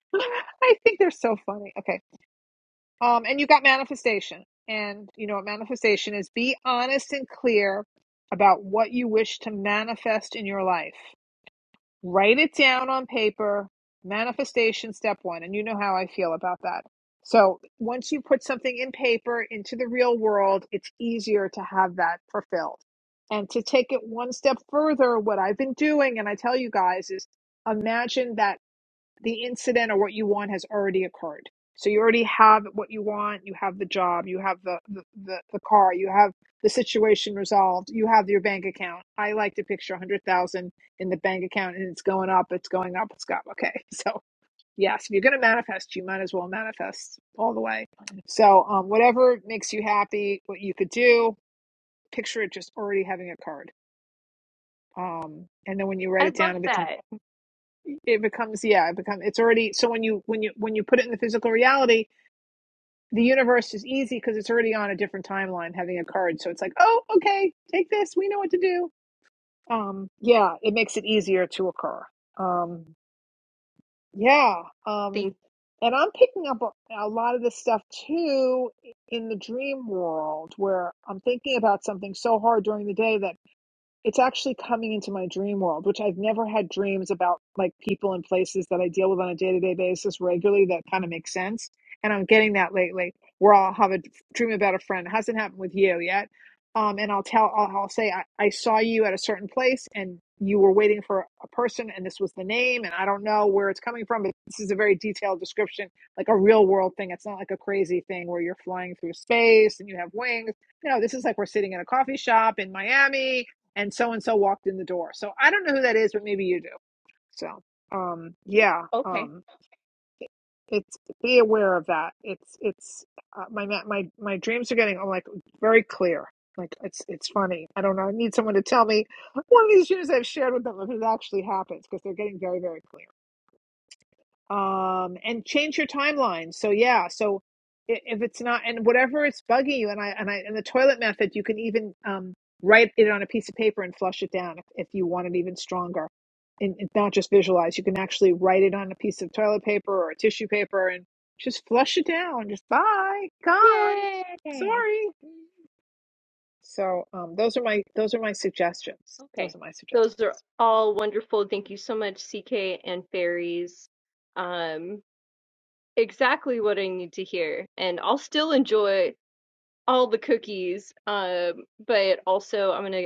B: I think they're so funny. Okay, um, and you got manifestation, and you know what manifestation is. Be honest and clear about what you wish to manifest in your life. write it down on paper manifestation step one and you know how i feel about that so once you put something in paper into the real world it's easier to have that fulfilled and to take it one step further what i've been doing and i tell you guys is imagine that the incident or what you want has already occurred. So you already have what you want. You have the job. You have the, the, the, the car. You have the situation resolved. You have your bank account. I like to picture a hundred thousand in the bank account and it's going up. It's going up. It's got okay. So yes, if you're going to manifest, you might as well manifest all the way. So um, whatever makes you happy, what you could do, picture it just already having occurred. Um, and then when you
A: I
B: write it
A: love
B: down, it becomes
A: that.
B: it becomes yeah it becomes it's already so when you when you when you put it in the physical reality the universe is easy because it's already on a different timeline having occurred so it's like oh okay take this we know what to do um yeah it makes it easier to occur um yeah um
A: Thank. you.
B: and i'm picking up a, a lot of this stuff too in the dream world where i'm thinking about something so hard during the day that. it's actually coming into my dream world, which I've never had dreams about like people and places that I deal with on a day to day basis regularly that kind of makes sense. And I'm getting that lately where I'll have a dream about a friend. It hasn't happened with you yet. Um, and I'll tell, I'll, I'll say, I, I saw you at a certain place and you were waiting for a person and this was the name. And I don't know where it's coming from, but this is a very detailed description, like a real world thing. It's not like a crazy thing where you're flying through space and you have wings. You know, this is like we're sitting in a coffee shop in Miami and so and so walked in the door. So I don't know who that is, but maybe you do. So um, yeah,
A: Okay,
B: um, it- it's be aware of that. It's it's uh, my my my dreams are getting I'm like very clear. Like it's it's funny. I don't know. I need someone to tell me one of these dreams I've shared with them if it actually happens because they're getting very very clear um, and change your timeline. So yeah, so if it's not and whatever it's bugging you, and I and I and the toilet method, you can even um, write it on a piece of paper and flush it down if, if you want it even stronger, and, and not just visualize. You can actually write it on a piece of toilet paper or a tissue paper and just flush it down. Just bye, gone,
A: yay!
B: sorry. So um, those are my those are my suggestions.
A: Okay,
B: Those are my
A: Those are
B: suggestions.
A: all wonderful. Thank you so much, CK and Fairies. Um, exactly what I need to hear. And I'll still enjoy all the cookies. Um, but also I'm gonna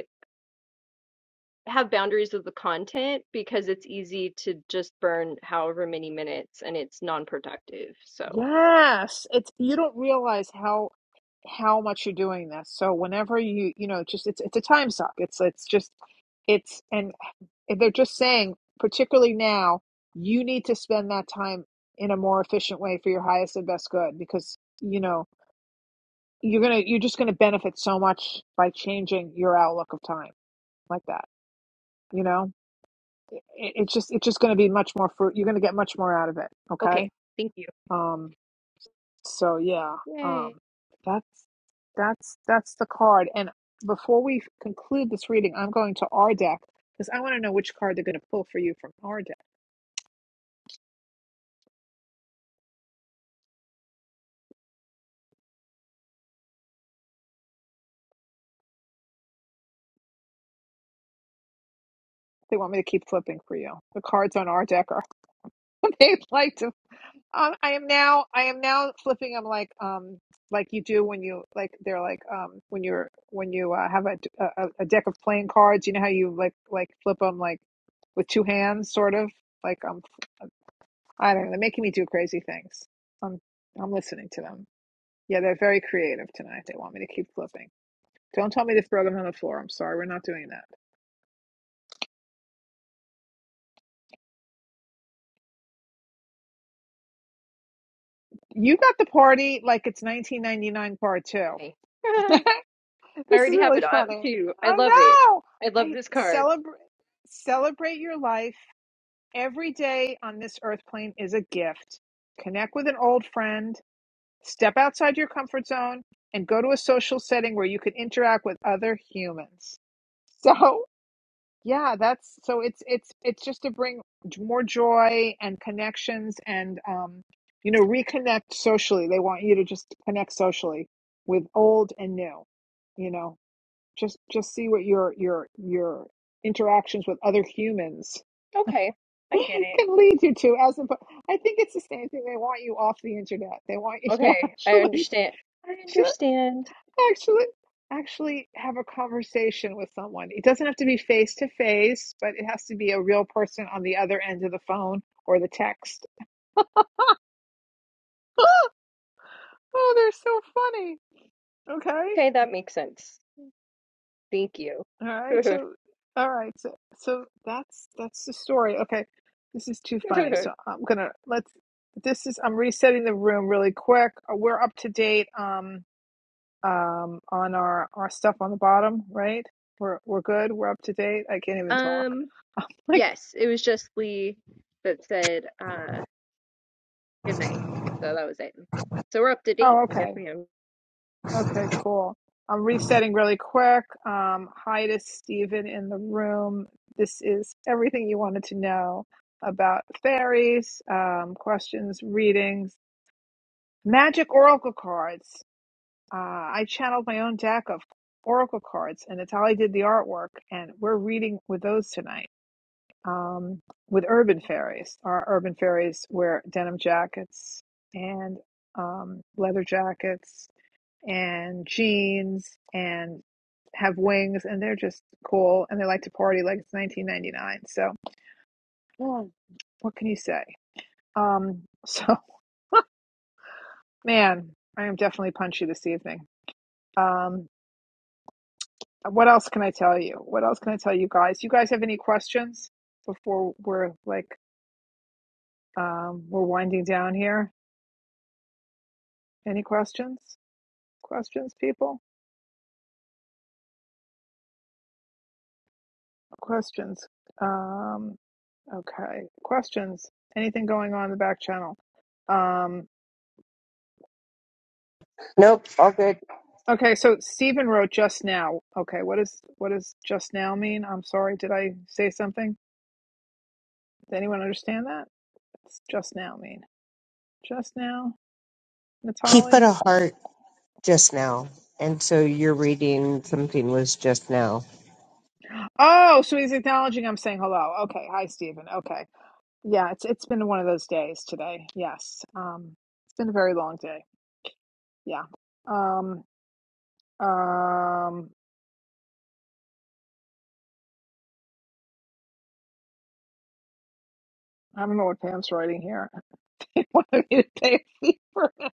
A: have boundaries of the content because it's easy to just burn however many minutes and it's non-productive. So,
B: Yes, it's you don't realize how how much you're doing this. So whenever you you know just it's it's a time suck. It's it's just it's and they're just saying particularly now you need to spend that time in a more efficient way for your highest and best good because you know you're going to you're just going to benefit so much by changing your outlook of time like that, you know? It, it's just it's just going to be much more fruit. You're going to get much more out of it,
A: okay,
B: okay?
A: thank you.
B: um. So yeah,
A: Yay.
B: um, that's that's that's the card. And before we conclude this reading, I'm going to our deck because I want to know which card they're going to pull for you from our deck. They want me to keep flipping for you. The cards on our deck are they like to. Um, I am now. I am now flipping. I'm like um like you do when you like they're like um when you're when you uh, have a, a a deck of playing cards. You know how you like like flip them like with two hands, sort of like I'm. I don't know. They're making me do crazy things. I'm I'm listening to them. Yeah, they're very creative tonight. They want me to keep flipping. Don't tell me to throw them on the floor. I'm sorry, we're not doing that. You got the party like it's 1999 part two.
A: Yay. I
B: this is
A: already have
B: really
A: it up
B: funny.
A: too. I
B: I
A: love it.
B: know.
A: I love
B: I
A: this card.
B: celebrate celebrate your life every day on this earth plane is a gift. Connect with an old friend. Step outside your comfort zone and go to a social setting where you can interact with other humans. So Yeah, that's so it's it's it's just to bring j- more joy and connections and um you know reconnect socially. They want you to just connect socially with old and new. You know, just just see what your your your interactions with other humans
A: Okay, I get it.
B: can lead you to as oppo- I think it's the same thing they want you off the internet. They want you to
A: Okay, I
B: actually
A: understand. I understand.
B: actually actually have a conversation with someone. It doesn't have to be face to face, but it has to be a real person on the other end of the phone or the text. Oh, oh they're so funny. Okay.
A: Okay, that makes sense. Thank you.
B: All right. So all right. So so that's that's the story. Okay. This is too funny. So I'm going to let's this is I'm resetting the room really quick. Uh, We're up to date um um on our our stuff on the bottom, right? We're we're good. We're up to date. I can't even talk.
A: um,
B: I'm Like.
A: yes, it was just Lee that said uh good night. So that was it. So we're up to date.
B: Oh,
A: Yes,
B: okay.
A: ma'am.
B: Okay, cool. I'm resetting really quick. Um, hi to Stephen in the room. This is everything you wanted to know about fairies, um, questions, readings, magic oracle cards. Uh, I channeled my own deck of oracle cards, and Natalie did the artwork, and we're reading with those tonight um, with Urban Fairies. Our Urban Fairies wear denim jackets and um, leather jackets and jeans and have wings and they're just cool and they like to party like it's 1999 so Mm. what can you say um so man i am definitely punchy this evening um what else can i tell you what else can i tell you guys you guys have any questions before we're like um we're winding down here any questions questions people questions um okay questions anything going on in the back channel Um,
C: Nope, all good.
B: Okay, so Stephen wrote just now. Okay, what is what does just now mean? I'm sorry, did I say something? Does anyone understand that? What's just now mean? Just now,
C: He put
B: Natali?
C: a heart just now. And so you're reading something was just now.
B: Oh, so he's acknowledging I'm saying hello. Okay, hi Stephen. Okay. Yeah, it's it's been one of those days today. Yes. Um it's been a very long day. Yeah. Um um I don't know what Pam's writing here. They wanted me to pay a fee for it.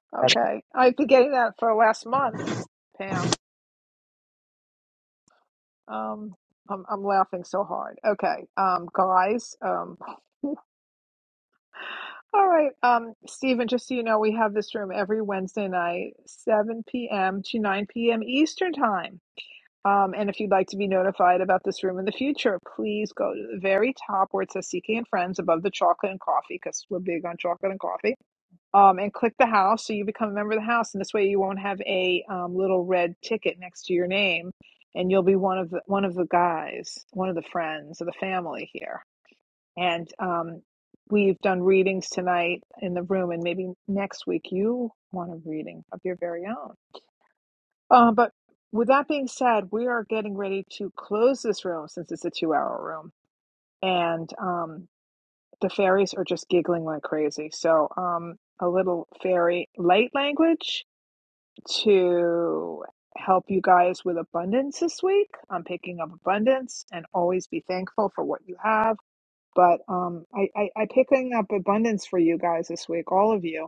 B: Okay. I've been getting that for the last month, Pam. Um, I'm, I'm laughing so hard. Okay, um, guys. Um, all right, um, Stephen. Just so you know, we have this room every Wednesday night, 7 p.m. to 9 p.m. Eastern time. Um, and if you'd like to be notified about this room in the future, please go to the very top where it says CK and Friends above the chocolate and coffee, because we're big on chocolate and coffee um, and click the house so you become a member of the house and this way you won't have a um, little red ticket next to your name and you'll be one of the one of the guys one of the friends of the family here and um, we've done readings tonight in the room and maybe next week you want a reading of your very own uh, but with that being said we are getting ready to close this room since it's a two hour room and um, the fairies are just giggling like crazy so um, a little fairy light language to help you guys with abundance this week. I'm picking up abundance and always be thankful for what you have. But um, I, I, I picking up abundance for you guys this week, all of you.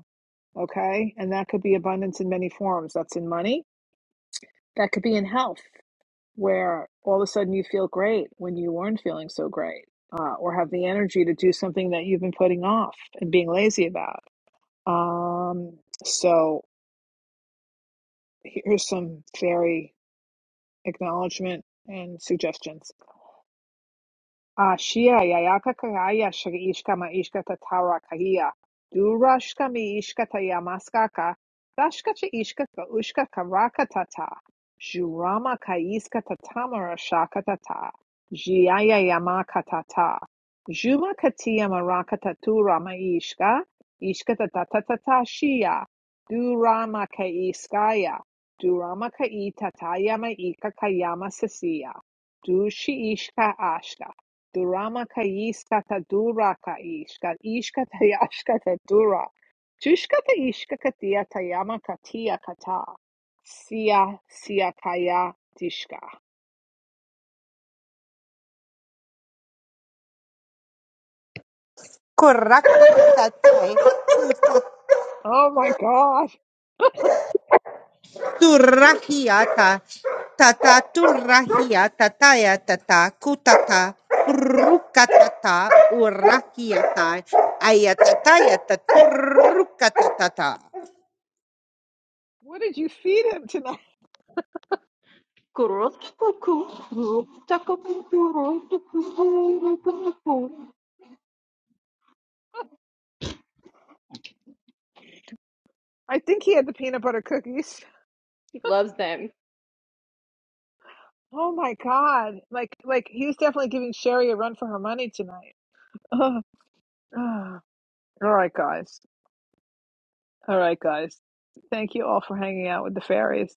B: Okay. And that could be abundance in many forms. That's in money. That could be in health, where all of a sudden you feel great when you weren't feeling so great, uh, or have the energy to do something that you've been putting off and being lazy about. Um, so here's some very acknowledgement and suggestions Ashia yayaka kagaya shri ishkama ishkata tara kahia. Durashkami ishkata yamaskaka. Dashkacha ishkata ushka karakatata. Jurama kaiskata tamara shakatata. Jiaya yamakatata. Juma katia marakatatura maishka. Ishkata tatatata shia. Durama kaiskaya. Durama kaitataya maika kayama sasiya. Dushi ishka ashka. Duramaka yiskata duraka ishka ishkata yashkata dura tushkata ishkata yatayamaka kata sia sia kaya dishka.
C: Correct.
B: Oh my God!
C: Turahiata tata turahia tataya tata kutata rukatata urahiata ayatataya taturukatata
B: What did you feed him tonight? I think he had the peanut butter cookies.
A: He loves them.
B: Oh my God! Like like he was definitely giving Sherry a run for her money tonight. Ugh. Ugh. All right, guys. All right, guys. Thank you all for hanging out with the fairies.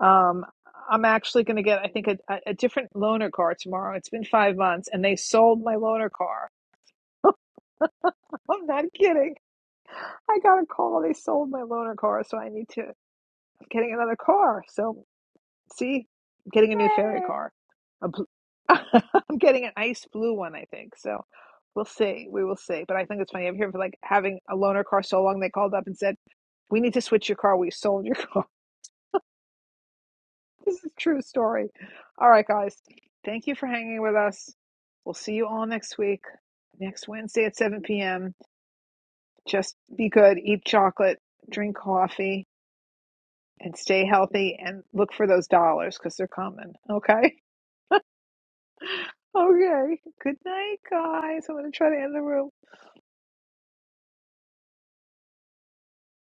B: Um, I'm actually going to get, I think, a, a different loaner car tomorrow. It's been five months, and they sold my loaner car. I'm not kidding. I got a call. They sold my loaner car, so I need to I'm getting another car. So see, I'm getting a new ferry car. A bl- I'm getting an ice blue one, I think. So we'll see. We will see. But I think it's funny. I'm here for like having a loaner car so long. They called up and said, "We need to switch your car. We sold your car." This is a true story. All right, guys. Thank you for hanging with us. We'll see you all next week, next Wednesday at 7 p.m. Just be good, eat chocolate, drink coffee, and stay healthy and look for those dollars because they're coming. Okay? Okay. Good night, guys. I'm going to try to end the room.